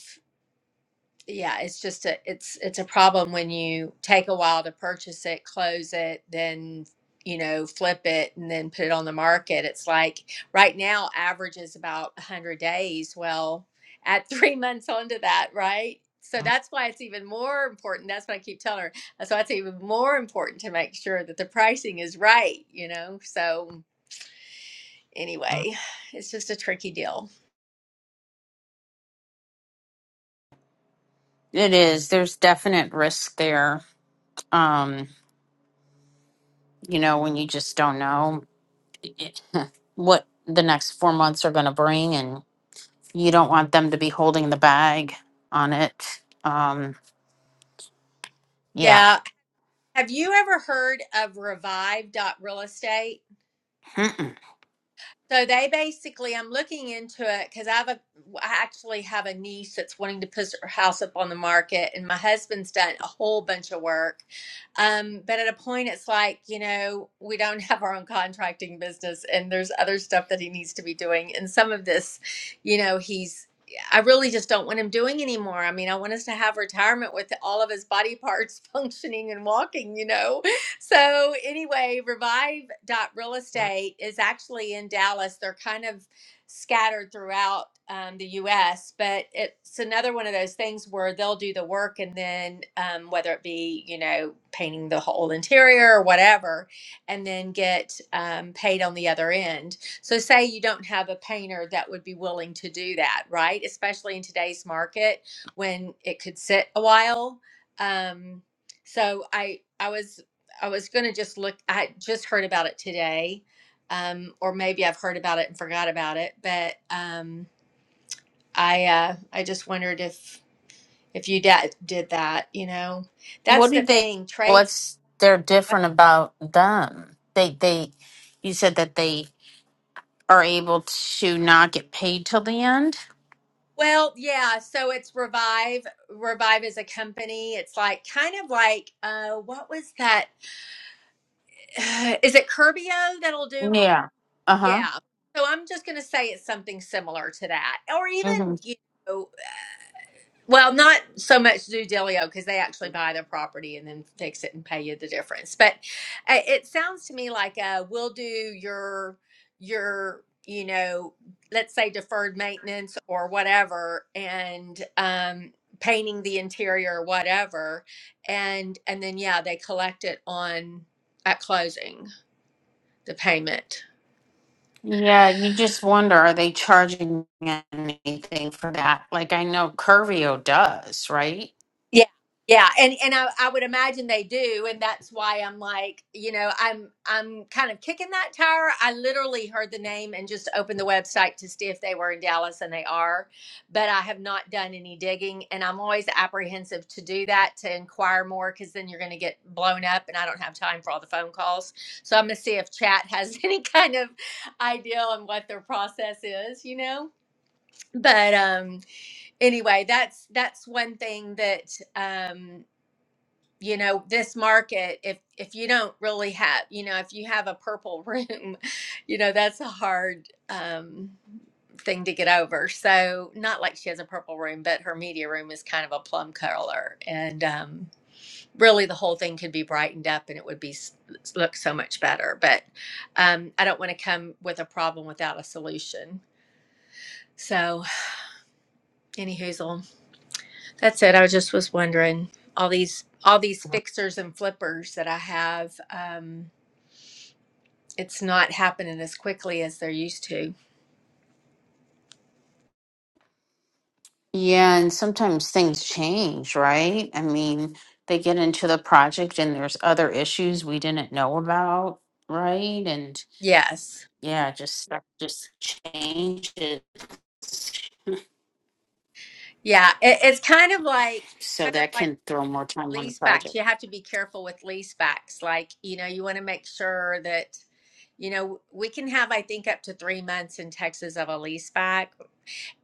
yeah, it's just a it's it's a problem when you take a while to purchase it, close it, then you know, flip it and then put it on the market. It's like right now average is about 100 days. Well, at 3 months onto that, right? So that's why it's even more important. That's what I keep telling her. So it's even more important to make sure that the pricing is right, you know. So anyway, it's just a tricky deal.
it is. There's definite risk there. Um, you know, when you just don't know it- what the next four months are going to bring, and you don't want them to be holding the bag on it. Um, yeah.
Yeah. Have you ever heard of Revive Dot Real Estate?
Mm-mm.
So they basically, I'm looking into it because I have a, I actually have a niece that's wanting to put her house up on the market, and my husband's done a whole bunch of work. Um, but at a point, it's like you know we don't have our own contracting business, and there's other stuff that he needs to be doing, and some of this, you know, he's. I really just don't want him doing anymore. I mean, I want us to have retirement with all of his body parts functioning and walking, you know so anyway, Revive dot Real Estate is actually in Dallas. They're kind of scattered throughout um, the U.S., but it's another one of those things where they'll do the work, and then um, whether it be you know painting the whole interior or whatever, and then get um, paid on the other end. So say you don't have a painter that would be willing to do that, right? Especially in today's market when it could sit a while. Um, so I I was I was going to just look. I just heard about it today, um, or maybe I've heard about it and forgot about it. But um, I uh, I just wondered if if you da- did that. You know, that's
What do
the
they?
thing. Trades.
What's they're different about them? They they, you said that they are able to not get paid till the end.
Well, yeah. So it's Revive. Revive is a company. It's like kind of like uh, what was that? Is it Curbio that'll do?
Yeah. Uh huh.
Yeah. So I'm just going to say it's something similar to that, or
hmm
even you. know. Well, not so much do Delio because they actually buy the property and then fix it and pay you the difference. But uh, it sounds to me like uh, we'll do your your you know let's say deferred maintenance or whatever and um, painting the interior or whatever and and then yeah they collect it on at closing the payment.
Yeah, you just wonder are they charging anything for that? Like I know Curvio does, right?
Yeah, yeah, and and I, I would imagine they do, and that's why I'm like, you know, I'm I'm kind of kicking that tire. I literally heard the name and just opened the website to see if they were in Dallas, and they are, but I have not done any digging, and I'm always apprehensive to do that to inquire more because then you're going to get blown up, and I don't have time for all the phone calls. So I'm going to see if chat has any kind of idea on what their process is, you know. But um, anyway, that's that's one thing that. Um, you know this market if if you don't really have you know if you have a purple room you know that's a hard um thing to get over so not like she has a purple room but her media room is kind of a plum color and um really the whole thing could be brightened up and it would be s- look so much better but um i don't want to come with a problem without a solution so any That's it. I just was wondering all these all these fixers and flippers that I have. Um, it's not happening as quickly as they're used to.
Yeah, and sometimes things change, right? I mean, they get into the project and there's other issues we didn't know about, right? And
Yes,
yeah, just stuff just changes.
yeah. It, it's kind of like
So
kind of
that
like
can throw more time on the
lease backs.
project.
You have to be careful with lease backs. Like you know, you want to make sure that you know we can have I think up to three months in Texas of a lease back.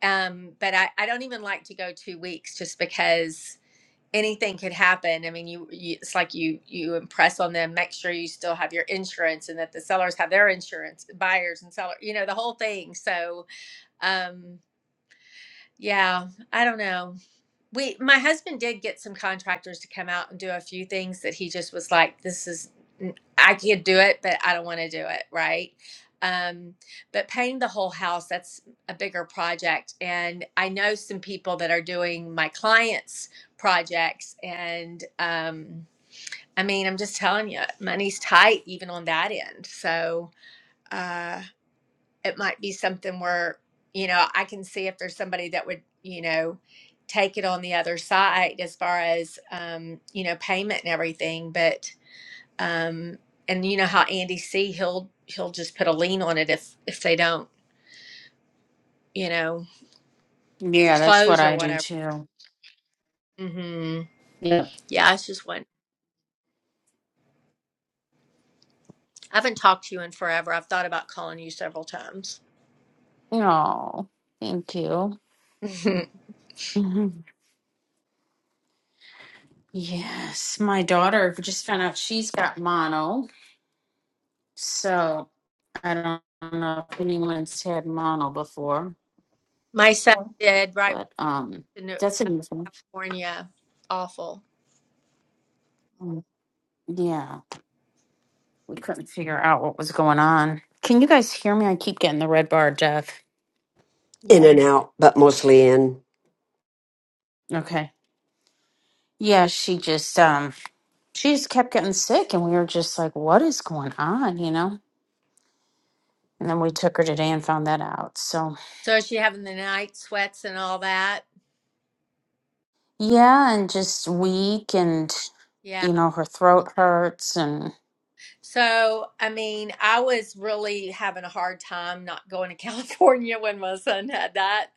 Um, but I I don't even like to go two weeks just because anything could happen. I mean, you, you it's like you you impress on them, make sure you still have your insurance and that the sellers have their insurance, buyers and seller, you know, the whole thing. So, um yeah, I don't know we my husband did get some contractors to come out and do a few things that he just was like this is i could do it but i don't want to do it right um but painting the whole house that's a bigger project and i know some people that are doing my clients projects and um i mean i'm just telling you money's tight even on that end so uh, it might be something where you know i can see if there's somebody that would you know take it on the other side as far as um you know payment and everything but um and you know how andy c he'll he'll just put a lien on it if if they don't you know
Yeah, that's what
close or
I do
whatever
too.
hmm
Yeah.
yeah it's just one i haven't talked to you in forever i've thought about calling you several times
Oh, thank you. Mhm. Yes, my daughter just found out she's got mono. So I don't know if anyone's had mono before.
my son did right when
But
he
um,
moved to New-
that's unusual.
california awful
Mm, Yeah, we couldn't figure out what was going on. Can you guys hear me? I keep getting the red bar, Jeff.
In and out, but mostly in.
Okay. Yeah, she just um, she just kept getting sick, and we were just like, "What is going on?" You know. And then we took her today and found that out. So
So is she having the night sweats and all that?
yeah, and just weak, and
Yeah.
you know, her throat hurts, and
So, I mean, I was really having a hard time not going to California when my son had that.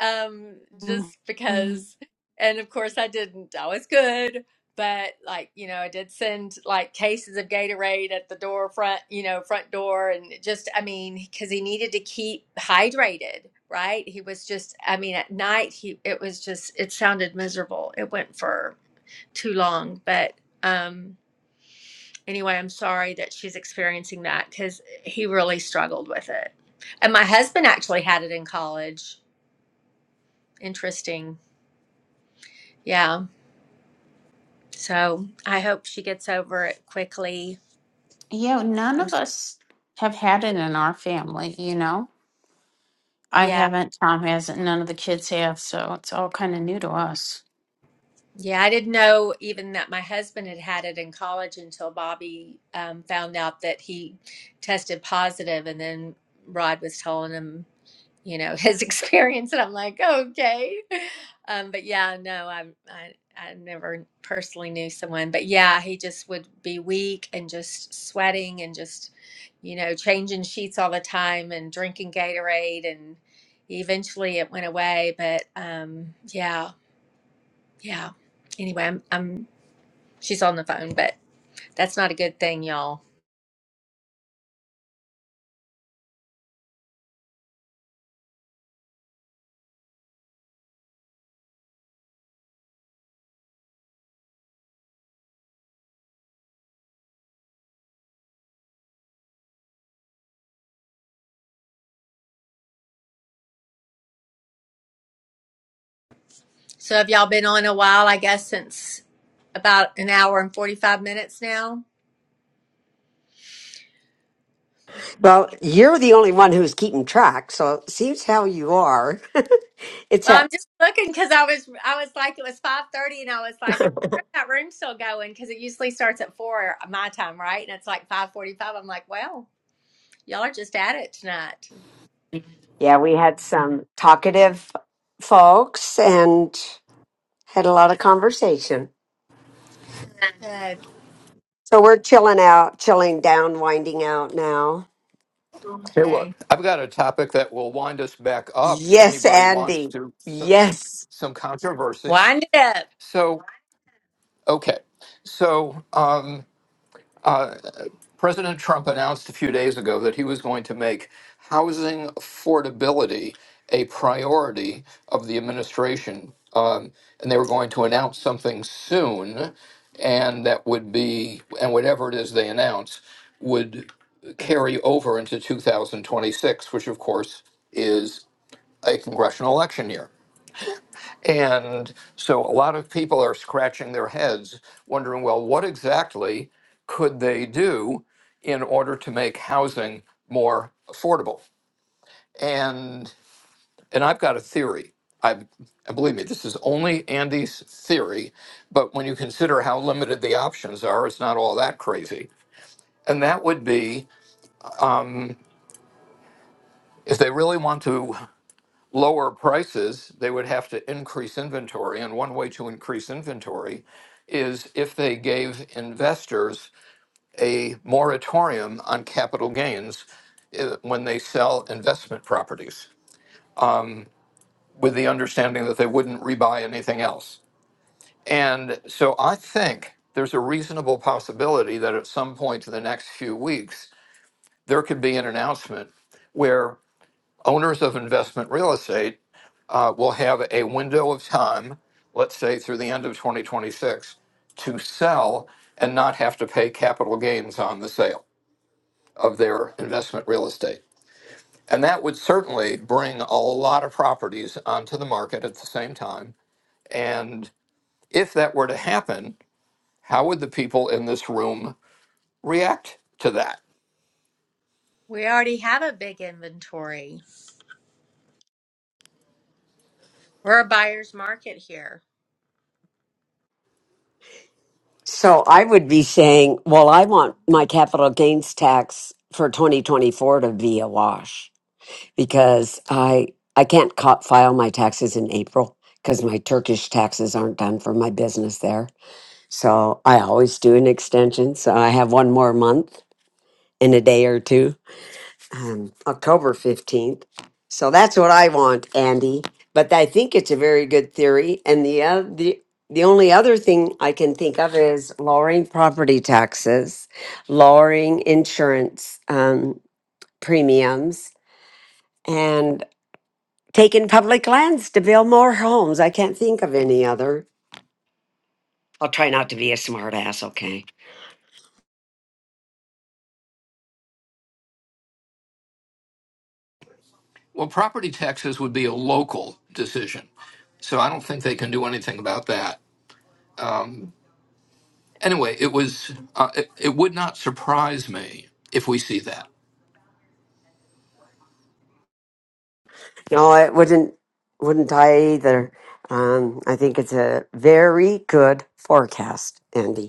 Um, just
Mhm.
because, and of course I didn't. I was good, but like, you know, I did send like cases of Gatorade at the door front, you know, front door and it just, I mean, because he needed to keep hydrated. Right. He was just, I mean, at night, he, it was just, it sounded miserable. It went for too long. But um, anyway, I'm sorry that she's experiencing that because he really struggled with it. And my husband actually had it in college. Interesting. Yeah. So I hope she gets over it quickly.
yeah, none
I'm
of
sorry.
us have had it in our family. You know I
Yeah.
haven't. Tom hasn't. None of the kids have. So it's all kind of new to us.
Yeah. I didn't know even that my husband had had it in college until Bobby um, found out that he tested positive and then Rod was telling him you know his experience and i'm like okay um but yeah no i i i never personally knew someone but yeah he just would be weak and just sweating and just you know changing sheets all the time and drinking gatorade and eventually it went away but um yeah yeah anyway i'm, I'm she's on the phone but that's not a good thing y'all so have y'all been on a while i guess since about an hour and 45 minutes now
Well, you're the only one who's keeping track, so it seems how you are. it's
Well,
a
I'm just looking because I was I was like it was five thirty, and I was like, I wonder if that room's still going because it usually starts at four my time, right? And it's like five forty five. I'm like, well, y'all are just at it tonight.
yeah. We had some talkative folks and had a lot of conversation.
Good.
So we're chilling out, chilling down, winding out now.
Hey, well,
Okay.
I've got a topic that will wind us back up if
Yes,
anybody wants
Andy.
to some,
Yes.
some controversy.
Wind it up.
So okay, so um, uh, President Trump announced a few days ago that he was going to make housing affordability a priority of the administration. Um, and they were going to announce something soon, and that would be, and whatever it is they announce, would carry over into 2026, which of course is a congressional election year. And so a lot of people are scratching their heads, wondering, well, what exactly could they do in order to make housing more affordable? And and I've got a theory. I and believe me, this is only Andy's theory, but when you consider how limited the options are, it's not all that crazy. And that would be if they really want to lower prices, they would have to increase inventory. And one way to increase inventory is if they gave investors a moratorium on capital gains eh, when they sell investment properties, with the understanding that they wouldn't rebuy anything else. And so I think there's a reasonable possibility that at some point in the next few weeks, there could be an announcement where owners of investment real estate uh, will have a window of time, let's say through the end of 2026, to sell and not have to pay capital gains on the sale of their investment real estate. And that would certainly bring a lot of properties onto the market at the same time. And if that were to happen, how would the people in this room react to that?
We already have a big inventory. We're a buyer's market here.
So I would be saying, well, I want my capital gains tax for 2024 to be a wash because I I can't co- file my taxes in April because my Turkish taxes aren't done for my business there. So I always do an extension, so I have one more month in a day or two um, October 15th. So that's what I want, Andy. But I think it's a very good theory. And the, uh, the, the only other thing I can think of is lowering property taxes, lowering insurance um, premiums, and taking public lands to build more homes. I can't think of any other. I'll try not to be a smart ass, okay?
Well, property taxes would be a local decision. So I don't think they can do anything about that. anyway, it was. Uh, it, it would not surprise me if we see that.
No, I wouldn't wouldn't I either. Um, I think it's a very good forecast, Andy.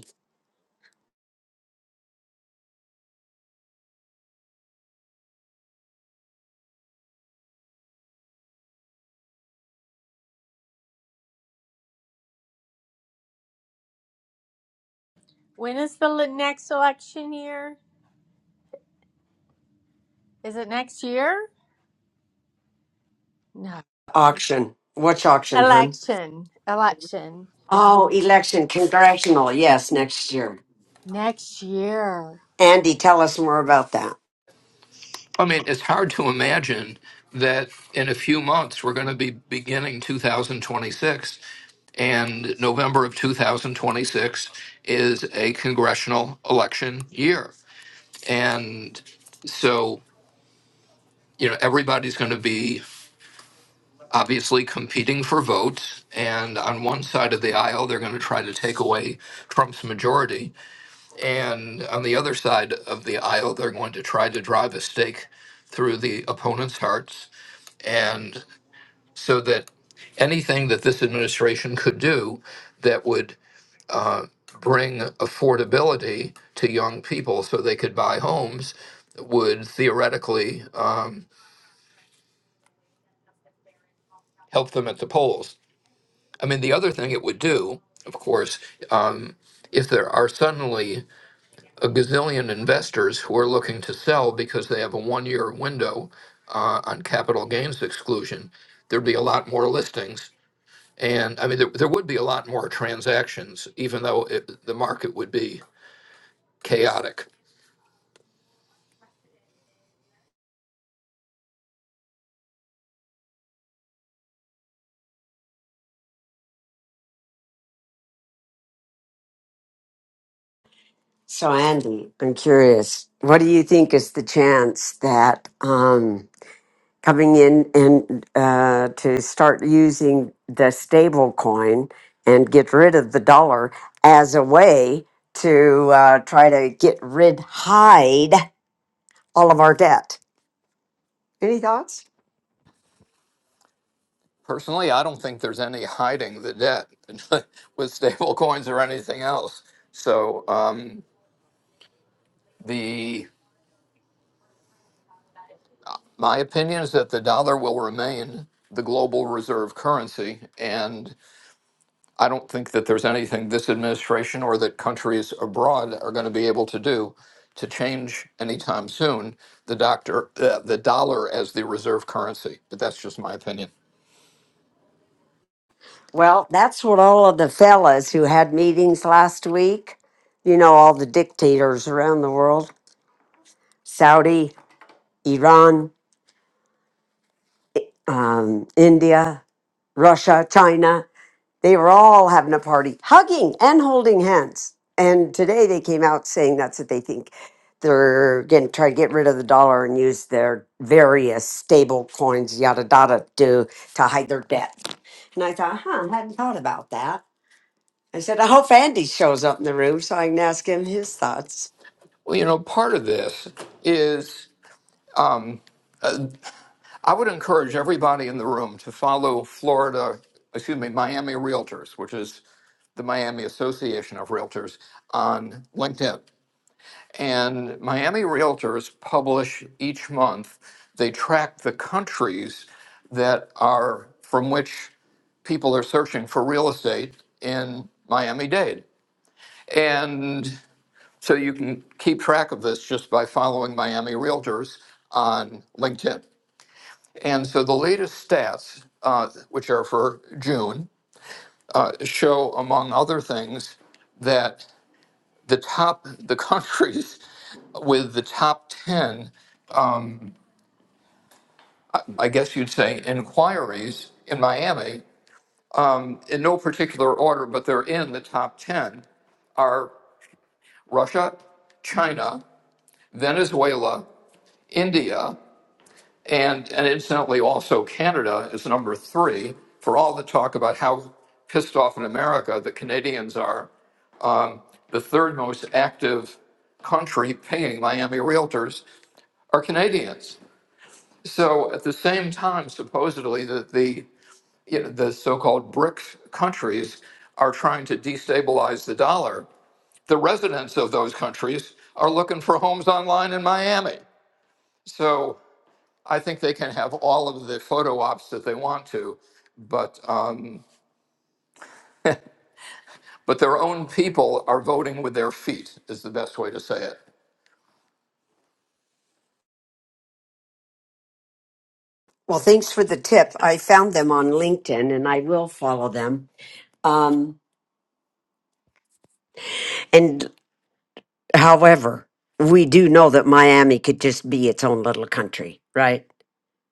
When is the le- next election year? Is it next year? No.
Auction. Which auction, hun?
Election. Election.
Oh, election, congressional. Yes, next year.
Next year.
Andy, tell us more about that.
I mean, it's hard to imagine that in a few months we're going to be beginning 2026, and November of 2026 is a congressional election year, and so you know everybody's going to be obviously competing for votes and on one side of the aisle they're going to try to take away trump's majority And on the other side of the aisle, they're going to try to drive a stake through the opponent's hearts. And so that anything that this administration could do that would uh, bring affordability to young people so they could buy homes would theoretically um, help them at the polls. I mean, the other thing it would do, of course, um, if there are suddenly a gazillion investors who are looking to sell because they have a one-year window uh, on capital gains exclusion, there'd be a lot more listings. And I mean, there, there would be a lot more transactions, even though it, the market would be chaotic.
So, Andy, I'm curious. What do you think is the chance that um, coming in and uh, to start using the stable coin and get rid of the dollar as a way to uh, try to get rid, hide all of our debt? Any thoughts?
Personally, I don't think there's any hiding the debt with stable coins or anything else. So um, the my opinion is that the dollar will remain the global reserve currency, and I don't think that there's anything this administration or that countries abroad are going to be able to do to change anytime soon the doctor uh, the dollar as the reserve currency. But that's just my opinion.
Well, that's what all of the fellas who had meetings last week, you know, all the dictators around the world Saudi, Iran, um, India, Russia, China they were all having a party, hugging and holding hands. And today they came out saying that's what they think. They're going to try to get rid of the dollar and use their various stable coins, yada, yada, to, to hide their debt. And I thought, huh, I hadn't thought about that I said, I hope Andy shows up in the room so I can ask him his thoughts.
Well, you know, part of this is um, I would encourage everybody in the room to follow Florida, excuse me, Miami Realtors, which is the Miami Association of Realtors on LinkedIn. And Miami Realtors publish each month, they track the countries that are from which people are searching for real estate in Miami Dade. And so you can keep track of this just by following Miami Realtors on LinkedIn. And so the latest stats, uh, which are for June, show, among other things, that the top, the countries with the top 10 I guess you'd say, inquiries in Miami, in no particular order, but they're in the top 10, are Russia, China, Venezuela, India, and, and incidentally also Canada is number three for all the talk about how pissed off in America the Canadians are. Um, the third most active country paying Miami realtors are Canadians. So at the same time, supposedly, that the you know, the so-called BRIC countries are trying to destabilize the dollar. The residents of those countries are looking for homes online in Miami. So I think they can have all of the photo ops that they want to, but um, but their own people are voting with their feet is the best way to say it.
Well, thanks for the tip. I found them on LinkedIn and I will follow them. Um, and however, we do know that Miami could just be its own little country, right?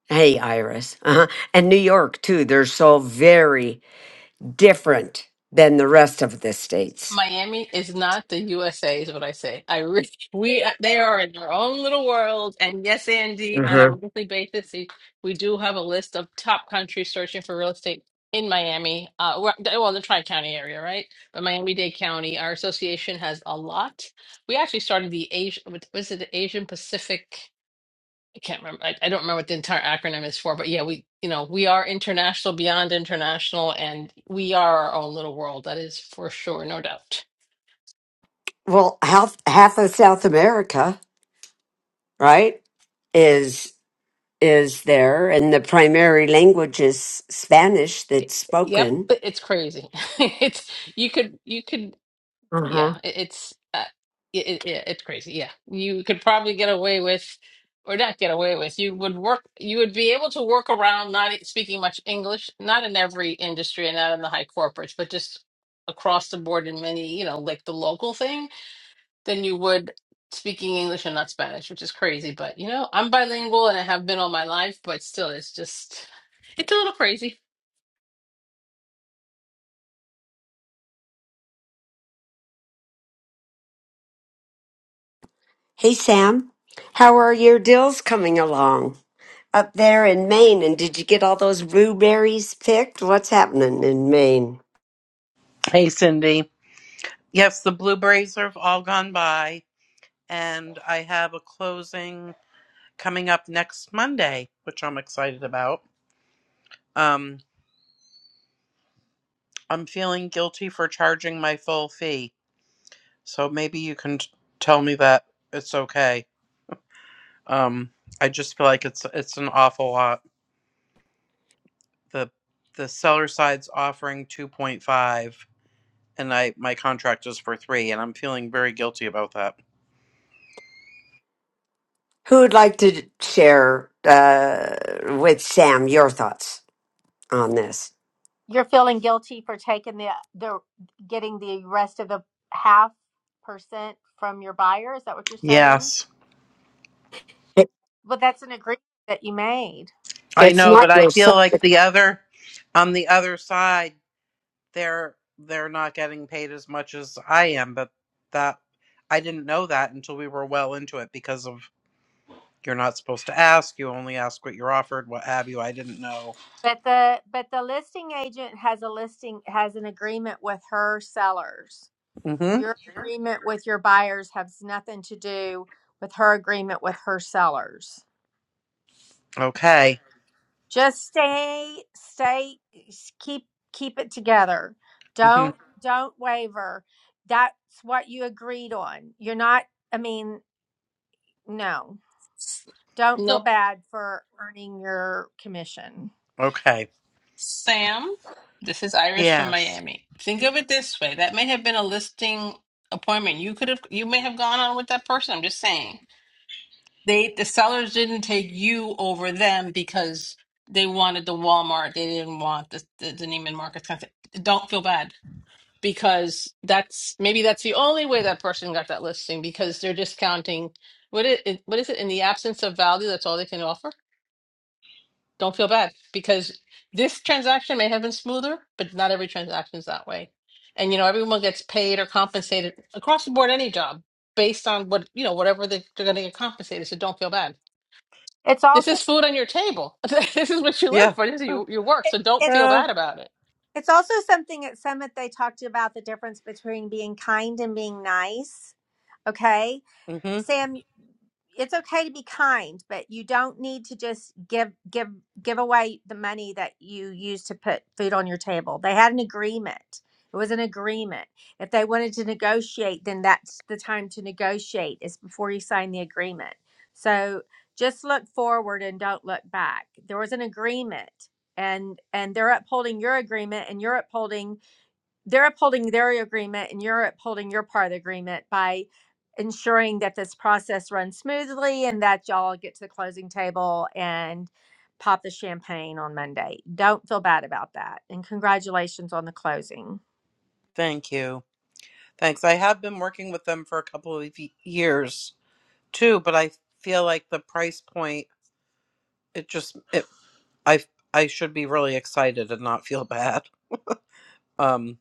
Hey, Iris. Uh-huh. And New York, too. They're so very different than the rest of the states.
Miami is not the USA, is what I say. I really, we uh, they are in their own little world. And yes, Andy, on a
Uh-huh.
monthly basis, we we do have a list of top countries searching for real estate in Miami. Uh, we're- well, the Tri County area, right? But Miami-Dade County, our association has a lot. We actually started the Asian, was it the Asian Pacific? I can't remember. I, I don't remember what the entire acronym is for, but yeah, we, you know, we are international beyond international, and we are our own little world. That is for sure, no doubt.
Well, half half of South America, right, is is there, and the primary language is Spanish that's
Yep,
spoken.
but it's crazy. It's you could you could
Uh-huh.
yeah, it, it's uh, it, it, yeah, it's crazy. Yeah. You could probably get away with or not get away with. You would work you would be able to work around not e, speaking much English, not in every industry and not in the high corporates, but just across the board in many, you know, like the local thing, than you would speaking English and not Spanish, which is crazy, but you know, I'm bilingual and I have been all my life, but still it's just it's a little crazy.
Hey, Sam, how are your dills coming along up there in Maine? And did you get all those blueberries picked? What's happening in Maine?
Hey, Cindy. Yes, the blueberries are all gone by, and I have a closing coming up next Monday, which I'm excited about. Um, I'm feeling guilty for charging my full fee, so maybe you can t- tell me that it's okay. Um, I just feel like it's it's an awful lot. the The seller side's offering two point five, and I my contract is for three, and I'm feeling very guilty about that.
Who would like to share uh, with Sam your thoughts on this?
You're feeling guilty for taking the the getting the rest of the half percent from your buyer. Is that what you're saying?
Yes,
It-
But that's an agreement that you made.
I
It's
know, but
not
I
your
feel
son.
like the other on the other side, they're they're not getting paid as much as I am, but that I didn't know that until we were well into it because of you're not supposed to ask. You only ask what you're offered, what have you. I didn't know.
But the but the listing agent has a listing has an agreement with her sellers.
Mm-hmm.
Your agreement with your buyers has nothing to do with her agreement with her sellers.
Okay.
just stay stay s- keep keep it together
hmm
don't don't waver that's what you agreed on you're not i mean no don't feel
Nope.
bad for earning your commission
Okay.
Sam, this is Irish from
Yes.
Miami. Think of it this way. That may have been a listing appointment. You could have you may have gone on with that person. I'm just saying. They the sellers didn't take you over them because they wanted the Walmart. They didn't want the the, the Neiman Marcus kind of thing. Don't feel bad because that's maybe that's the only way that person got that listing because they're discounting what it what is it in the absence of value that's all they can offer don't feel bad because this transaction may have been smoother, but not every transaction is that way. And you know, everyone gets paid or compensated across the board, any job based on what you know, whatever they, they're going to get compensated. So don't feel bad.
it's
This
also
is food on your table. this is what you
it,
live
Yeah.
for. This is your, your work.
it,
So don't feel
it's
Yeah.
bad about it.
it's also something at summit they talked about the difference between being kind and being nice okay
hmm
Sam, it's okay to be kind, but you don't need to just give give give away the money that you use to put food on your table. They had an agreement. It was an agreement. If they wanted to negotiate, then that's the time to negotiate is before you sign the agreement. So just look forward and don't look back. There was an agreement and and they're upholding your agreement and you're upholding they're upholding their agreement and you're upholding your part of the agreement by ensuring that this process runs smoothly and that y'all get to the closing table and pop the champagne on Monday. Don't feel bad about that. And congratulations on the closing.
Thank you. Thanks. I have been working with them for a couple of y- years too, but I feel like the price point. It just. It. I. I should be really excited and not feel bad. Um.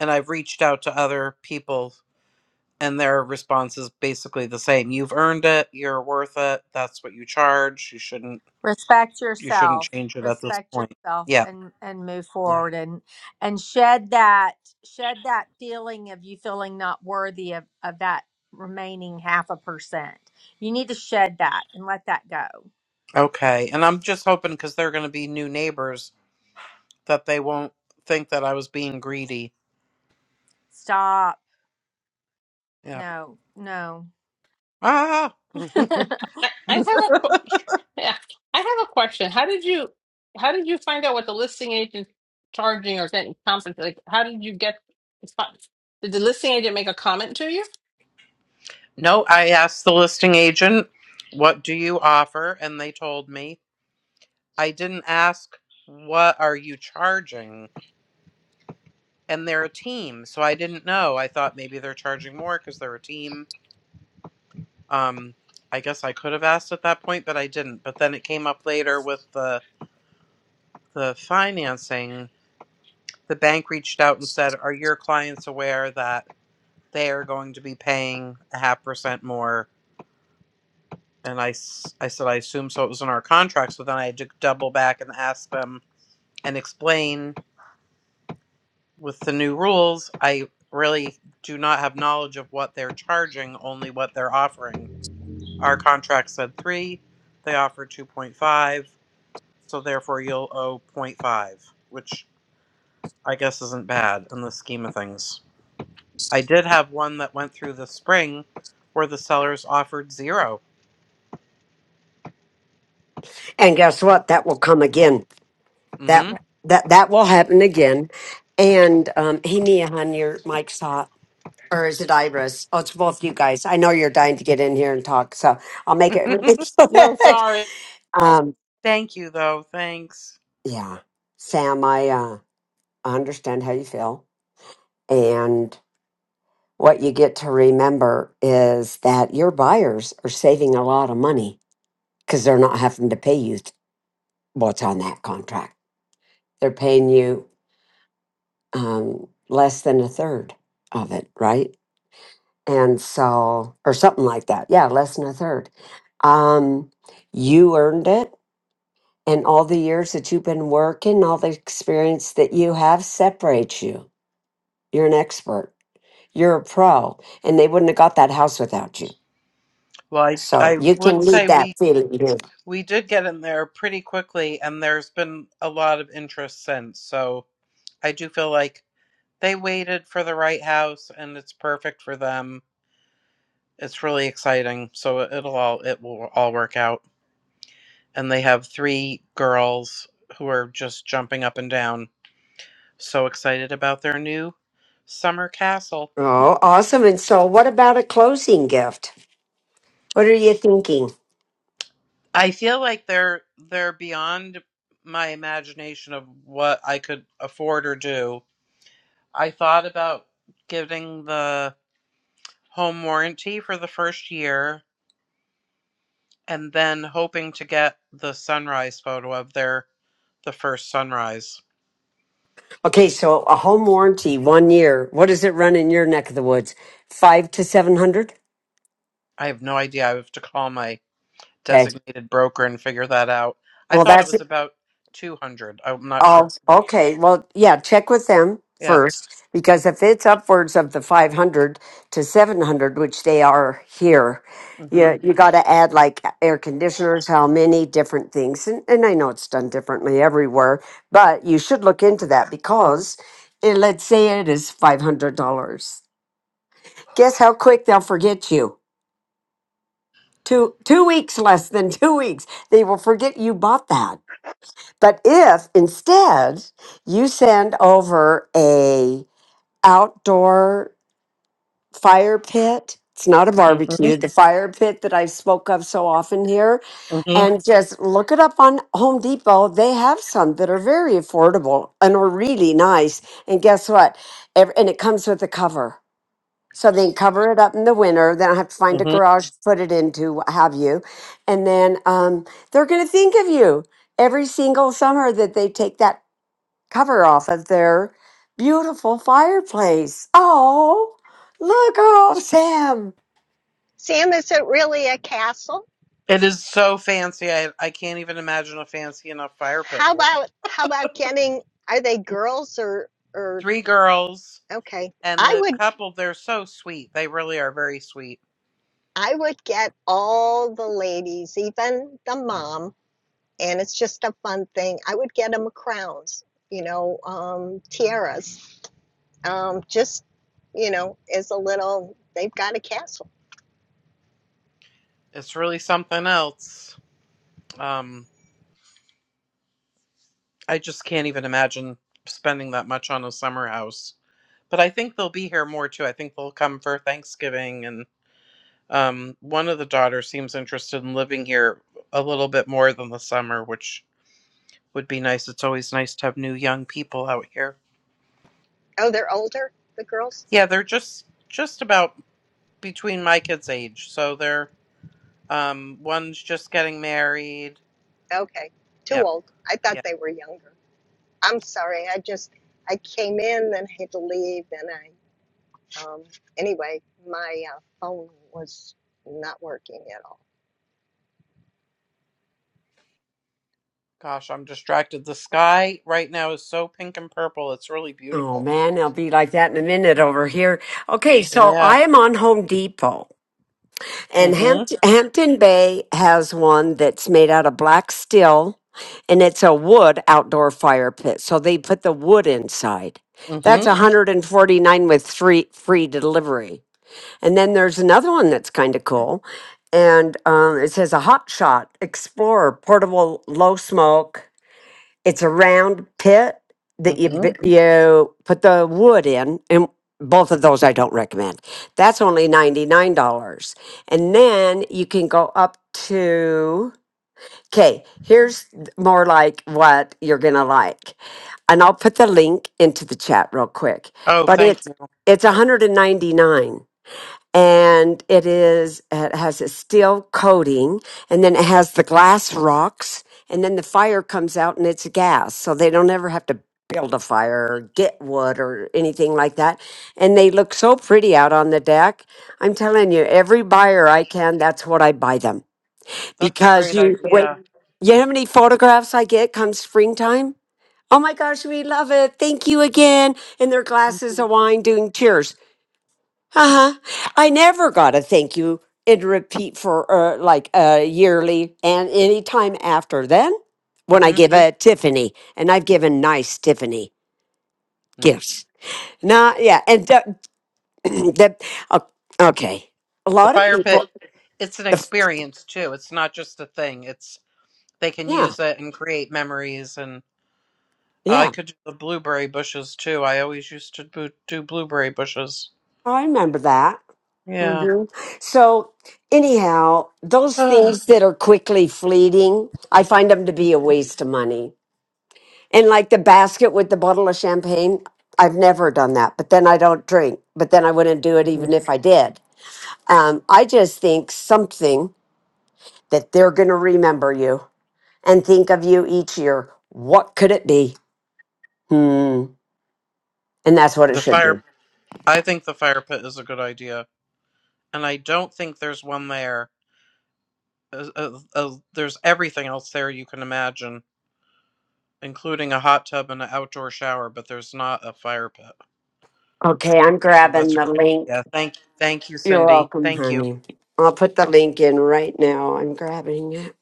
And I've reached out to other people, and their response is basically the same. You've earned it. You're worth it. That's what you charge. You shouldn't.
Respect
You shouldn't
yourself.
change it at this
Respect
point.
yourself
Yeah.
and and move
Yeah.
forward and and shed that shed that feeling of you feeling not worthy of, of that remaining half a percent. You need to shed that and let that go
Okay. And I'm just hoping because they're going to be new neighbors that they won't think that I was being greedy.
Stop.
Yeah.
No, no.
Ah.
I, I have a qu- yeah, I have a question. How did you how did you find out what the listing agent charging or getting compensated? Like, how did you get? Did the listing agent make a comment to you?
no, I asked the listing agent, "What do you offer?" and they told me. I didn't ask, "What are you charging?" And they're a team, so I didn't know. I thought maybe they're charging more cuz they're a team. Um I guess I could have asked at that point, but I didn't. But then it came up later with the the financing. The bank reached out and said, "Are your clients aware that they are going to be paying a half percent more. And I I said, I assume so. It was in our contract. So then I had to double back and ask them and explain with the new rules. I really do not have knowledge of what they're charging, only what they're offering. Our contract said three, they offer 2.5. So therefore, you'll owe zero point 0.5, which I guess isn't bad in the scheme of things. I did have one that went through the spring where the sellers offered 0
And guess what? That will come again.
Mm-hmm.
That that that will happen again. And um, hey, Mia, hon, your mic's hot. Or is it Iris? Oh, it's both you guys. I know you're dying to get in here and talk, so I'll make it really
No,
quick.
sorry.
Um,
Thank you, though. Thanks.
yeah, Sam, I uh, understand how you feel. And what you get to remember is that your buyers are saving a lot of money because they're not having to pay you th- what's on that contract. They're paying you um, less than a third of it, right? and so or something like that yeah less than a third um you earned it and all the years that you've been working all the experience that you have separates you you're an expert you're a pro and they wouldn't have got that house without you
Well, I,
so
I
you can
would
leave
say
that
we
feeling here.
we did get in there pretty quickly, and there's been a lot of interest since. So I do feel like they waited for the right house, and it's perfect for them. It's really exciting. So it- it'll all it will all work out. And they have three girls who are just jumping up and down, so excited about their new summer castle.
oh awesome and so what about a closing gift what are you thinking
I feel like they're they're beyond my imagination of what I could afford or do. I thought about getting the home warranty for the first year and then hoping to get the sunrise photo of their the first sunrise.
okay so a home warranty one year what does it run in your neck of the woods five to seven hundred
I have no idea. I have to call my
okay
designated broker and figure that out. I
well
thought it
that's
was about 200. I'm not sure.
Oh,
though.
okay. Well, yeah, check with them
Yeah.
first because if it's upwards of the 500 to 700, which they are here,
Mhm.
yeah, you got to add like air conditioners, how many different things. And, and I know it's done differently everywhere, but you should look into that because eh, let's say it is $500. Guess how quick they'll forget you? Two, two weeks less than two weeks. They will forget you bought that but if instead you send over a outdoor fire pit, it's not a
Mhm.
barbecue, the fire pit that I spoke of so often here,
Mhm.
and just look it up on Home Depot. They have some that are very affordable and are really nice. And guess what? Ev- And it comes with a cover. So they can cover it up in the winter. Then I have to find a
Mhm.
garage to put it into, what have you. And then um, they're going to think of you every single summer that they take that cover off of their beautiful fireplace. Oh, look, oh, Sam.
Sam, is it really a castle?
It is so fancy. I, I can't even imagine a fancy enough fire pit
How
for it.
about how about getting are they girls or or
three girls
Okay.
and
I
the
would
couple. They're so sweet. They really are very sweet.
I would get all the ladies, even the mom, and it's just a fun thing. I would get them crowns, you know, um, tiaras, um, just you know, as a little. They've got a castle.
It's really something else. Um, I just can't even imagine spending that much on a summer house. But I think they'll be here more too. I think they'll come for Thanksgiving, and um, one of the daughters seems interested in living here a little bit more than the summer, which would be nice. It's always nice to have new young people out here.
Oh, they're older, the girls.
Yeah, they're just just about between my kids' age. So they're um one's just getting married.
Okay, too
Yeah.
old. I thought
Yeah.
they were younger. I'm sorry. I just I came in and had to leave, and I um, anyway, my uh, phone was not working at all.
Gosh, I'm distracted. The sky right now is so pink and purple. It's really
Oh
beautiful.
man, I'll be like that in a minute over here. Okay, so
Yeah.
I am on Home Depot, and
Mhm.
Hampt- Hampton Bay has one that's made out of black steel, and it's a wood outdoor fire pit. So they put the wood inside. That's
Mhm.
149 with three free delivery. And then there's another one that's kind of cool. And um, it says a Hot Shot Explorer portable low smoke. It's a round pit that you
Mhm.
bi- you put the wood in, and both of those I don't recommend. That's only ninety nine dollars, and then you can go up to. Okay, here's th- more like what you're gonna like, and I'll put the link into the chat real quick.
Oh,
But
thank
it's
you.
it's 199 and it is it has a steel coating and then it has the glass rocks and then the fire comes out and it's gas so they don't ever have to build a fire or get wood or anything like that and they look so pretty out on the deck i'm telling you every buyer i can that's what i buy them
That's a
because
great
you wait
idea.
you know how many photographs i get come springtime oh my gosh we love it thank you again and their glasses of wine doing cheers uh huh. I never got a thank you in repeat for uh, like uh, yearly and any time after then when I
Mhm.
give Yeah. a Tiffany and I've given nice Tiffany
Mm.
gifts. Nah, yeah, and the, the o- okay, a
The
lot of
fire
people.
pit it's an
The, f-
experience too. It's not just a thing. It's they can
yeah,
use it and create memories and uh, I
yeah,
could do the blueberry bushes too. I always used to bo- do blueberry bushes.
I remember that.
Yeah.
hmm So anyhow, those things that are quickly fleeting, I find them to be a
Mhm.
waste of money And like the basket with the bottle of champagne, I've never done that. But then I don't drink. But then I wouldn't do it even if I did. Um, I just think something that they're going to remember you and think of you each year. What could it be? Hmm. And that's what it
The
should be.
fire. I think the fire pit is a good idea, and I don't think there's one there. Uh, uh, uh, there's everything else there you can imagine, including a hot tub and an outdoor shower, but there's not a fire pit.
Okay, I'm
So that's
grabbing
a
the
great idea.
link.
Thank, thank you,
You're
Cindy.
welcome,
Thank you.
honey. I'll put the link in right now. I'm grabbing it.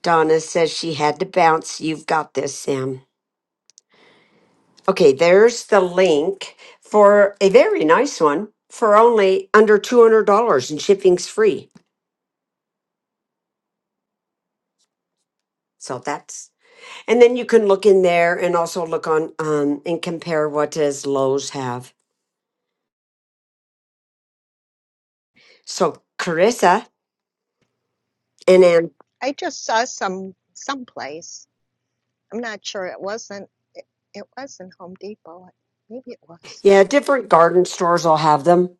Donna says she had to bounce. You've got this, Sam. Okay, there's the link for a very nice one for only under $200 and shipping's free. So that's, and then you can look in there and also look on um, and compare what does Lowe's have. So Carissa and then,
I just saw some someplace. I'm not sure it wasn't it, it wasn't Home Depot. Maybe it was.
yeah, different garden stores will have them,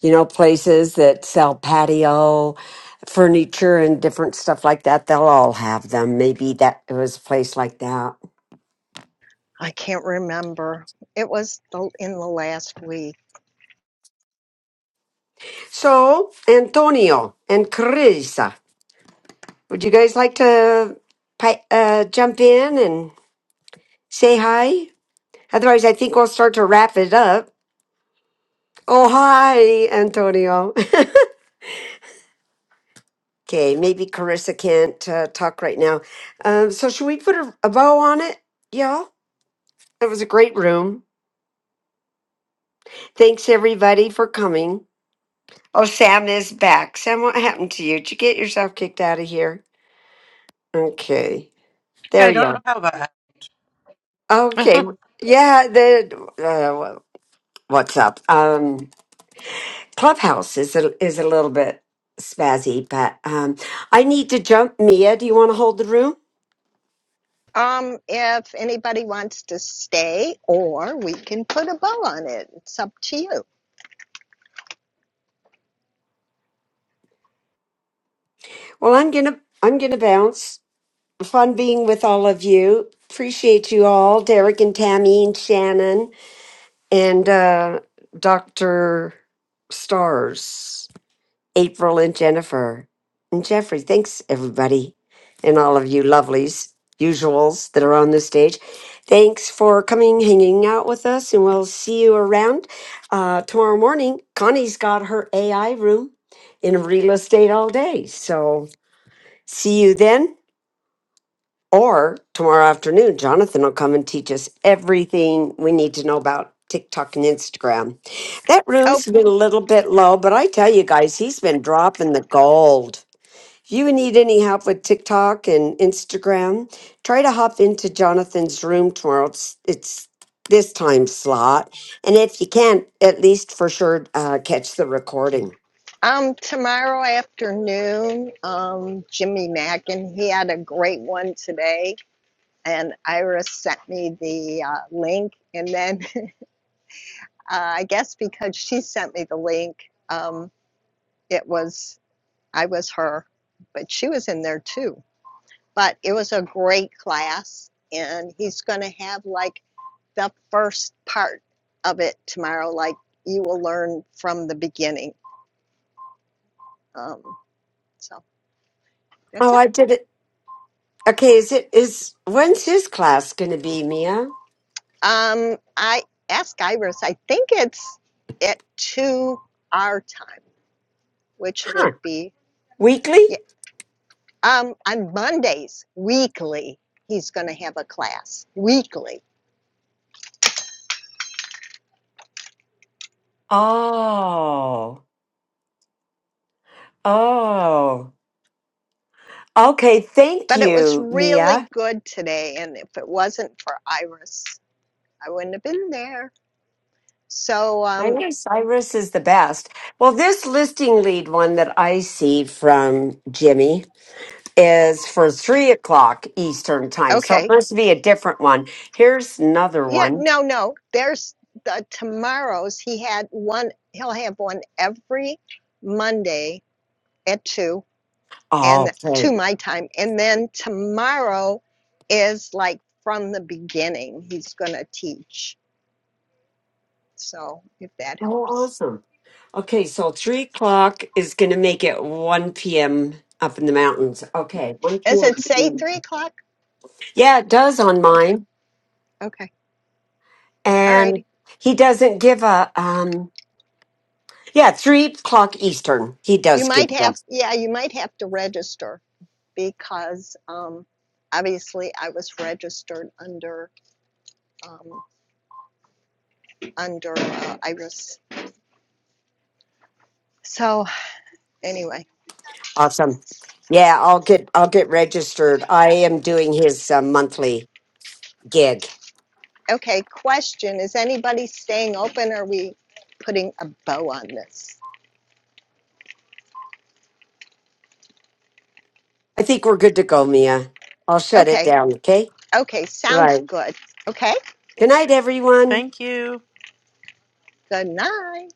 you know, places that sell patio furniture and different stuff like that. They'll all have them. Maybe that it was a place like that.
I can't remember. It was the, in the last week.
So Antonio and Carissa. Would you guys like to pi- uh, jump in and say hi? Otherwise, I think we'll start to wrap it up. Oh, hi, Antonio. okay, maybe Carissa can't uh, talk right now. Um, so, should we put a, a bow on it, y'all? It was a great room. Thanks, everybody, for coming. Oh, Sam is back. Sam, what happened to you? Did you get yourself kicked out of here? Okay,
Yeah,
there
I
you
don't know
are.
how that.
Okay,
happened.
yeah, the, uh, wha- what's up? Um, Clubhouse is a, is a little bit spazzy, but um, I need to jump. Mia, do you want to hold the room?
Um, if anybody wants to stay, or we can put a bow on it. It's up to you.
Well, I'm gonna I'm gonna bounce. Fun being with all of you. Appreciate you all, Derek and Tammy and Shannon and uh, Doctor Stars. April and Jennifer and Jeffrey. Thanks, everybody, and all of you lovelies, usuals that are on the stage. Thanks for coming, hanging out with us, and we'll see you around uh, tomorrow morning. Connie's got her AI room in real estate all day. So see you then or tomorrow afternoon. Jonathan will come and teach us everything we need to know about TikTok and Instagram. That
Oh,
room's been a little bit low, but I tell you guys, he's been dropping the gold. If you need any help with TikTok and Instagram, try to hop into Jonathan's room tomorrow. It's it's this time slot, and if you can't, at least for sure uh, catch the recording.
um, tomorrow afternoon, um, Jimmy Mackin, he had a great one today, and Ira sent me the uh, link, and then Uh, I guess because she sent me the link, um, it was, I was her, but she was in there too. But it was a great class, and he's going to have like the first part of it tomorrow. Like you will learn from the beginning. Um, so that's
Oh,
it.
I did it. Okay, is it is when's his class going to be, Mia?
Um, I ask Iris, I think it's at 2 our time, which
Huh?
would be,
Weekly?
yeah, Um, on Mondays, weekly, he's going to have a class weekly.
Oh, oh, okay. Thank
But it was
you, Mia.
really good today, and if it wasn't for Iris, I wouldn't have been there. So,
I
um,
know Cyrus is the best. Well, this listing lead one that I see from Jimmy. is for three o'clock Eastern time. So it
okay,
must be a different one. Here's another
yeah,
one.
no, no. There's the tomorrows. He had one. He'll have one every Monday at two, and
Oh, okay.
to my time, and then tomorrow is like from the beginning. He's going to teach. So, if that
Oh,
helps.
awesome. Okay, so three o'clock is going to make it 1 p.m. up in the mountains. Okay, 1
Does it say
p.m.
three o'clock?
Yeah, it does on
Okay,
mine.
Okay, All right.
And he doesn't give a, um, yeah, three o'clock Eastern. He
you
does give
might
that.
have, yeah, you might have to register because, um, obviously I was registered under, um, under uh, Iris. So anyway,
Awesome. Yeah, I'll get I'll get registered. I am doing his uh, monthly gig.
okay, question, is anybody staying open? Or Are we putting a bow on this?
I think we're good to go, Mia. I'll shut it
Okay,
down, okay?
okay, sounds
Right.
good. Okay,
Good night, everyone.
thank you.
good night.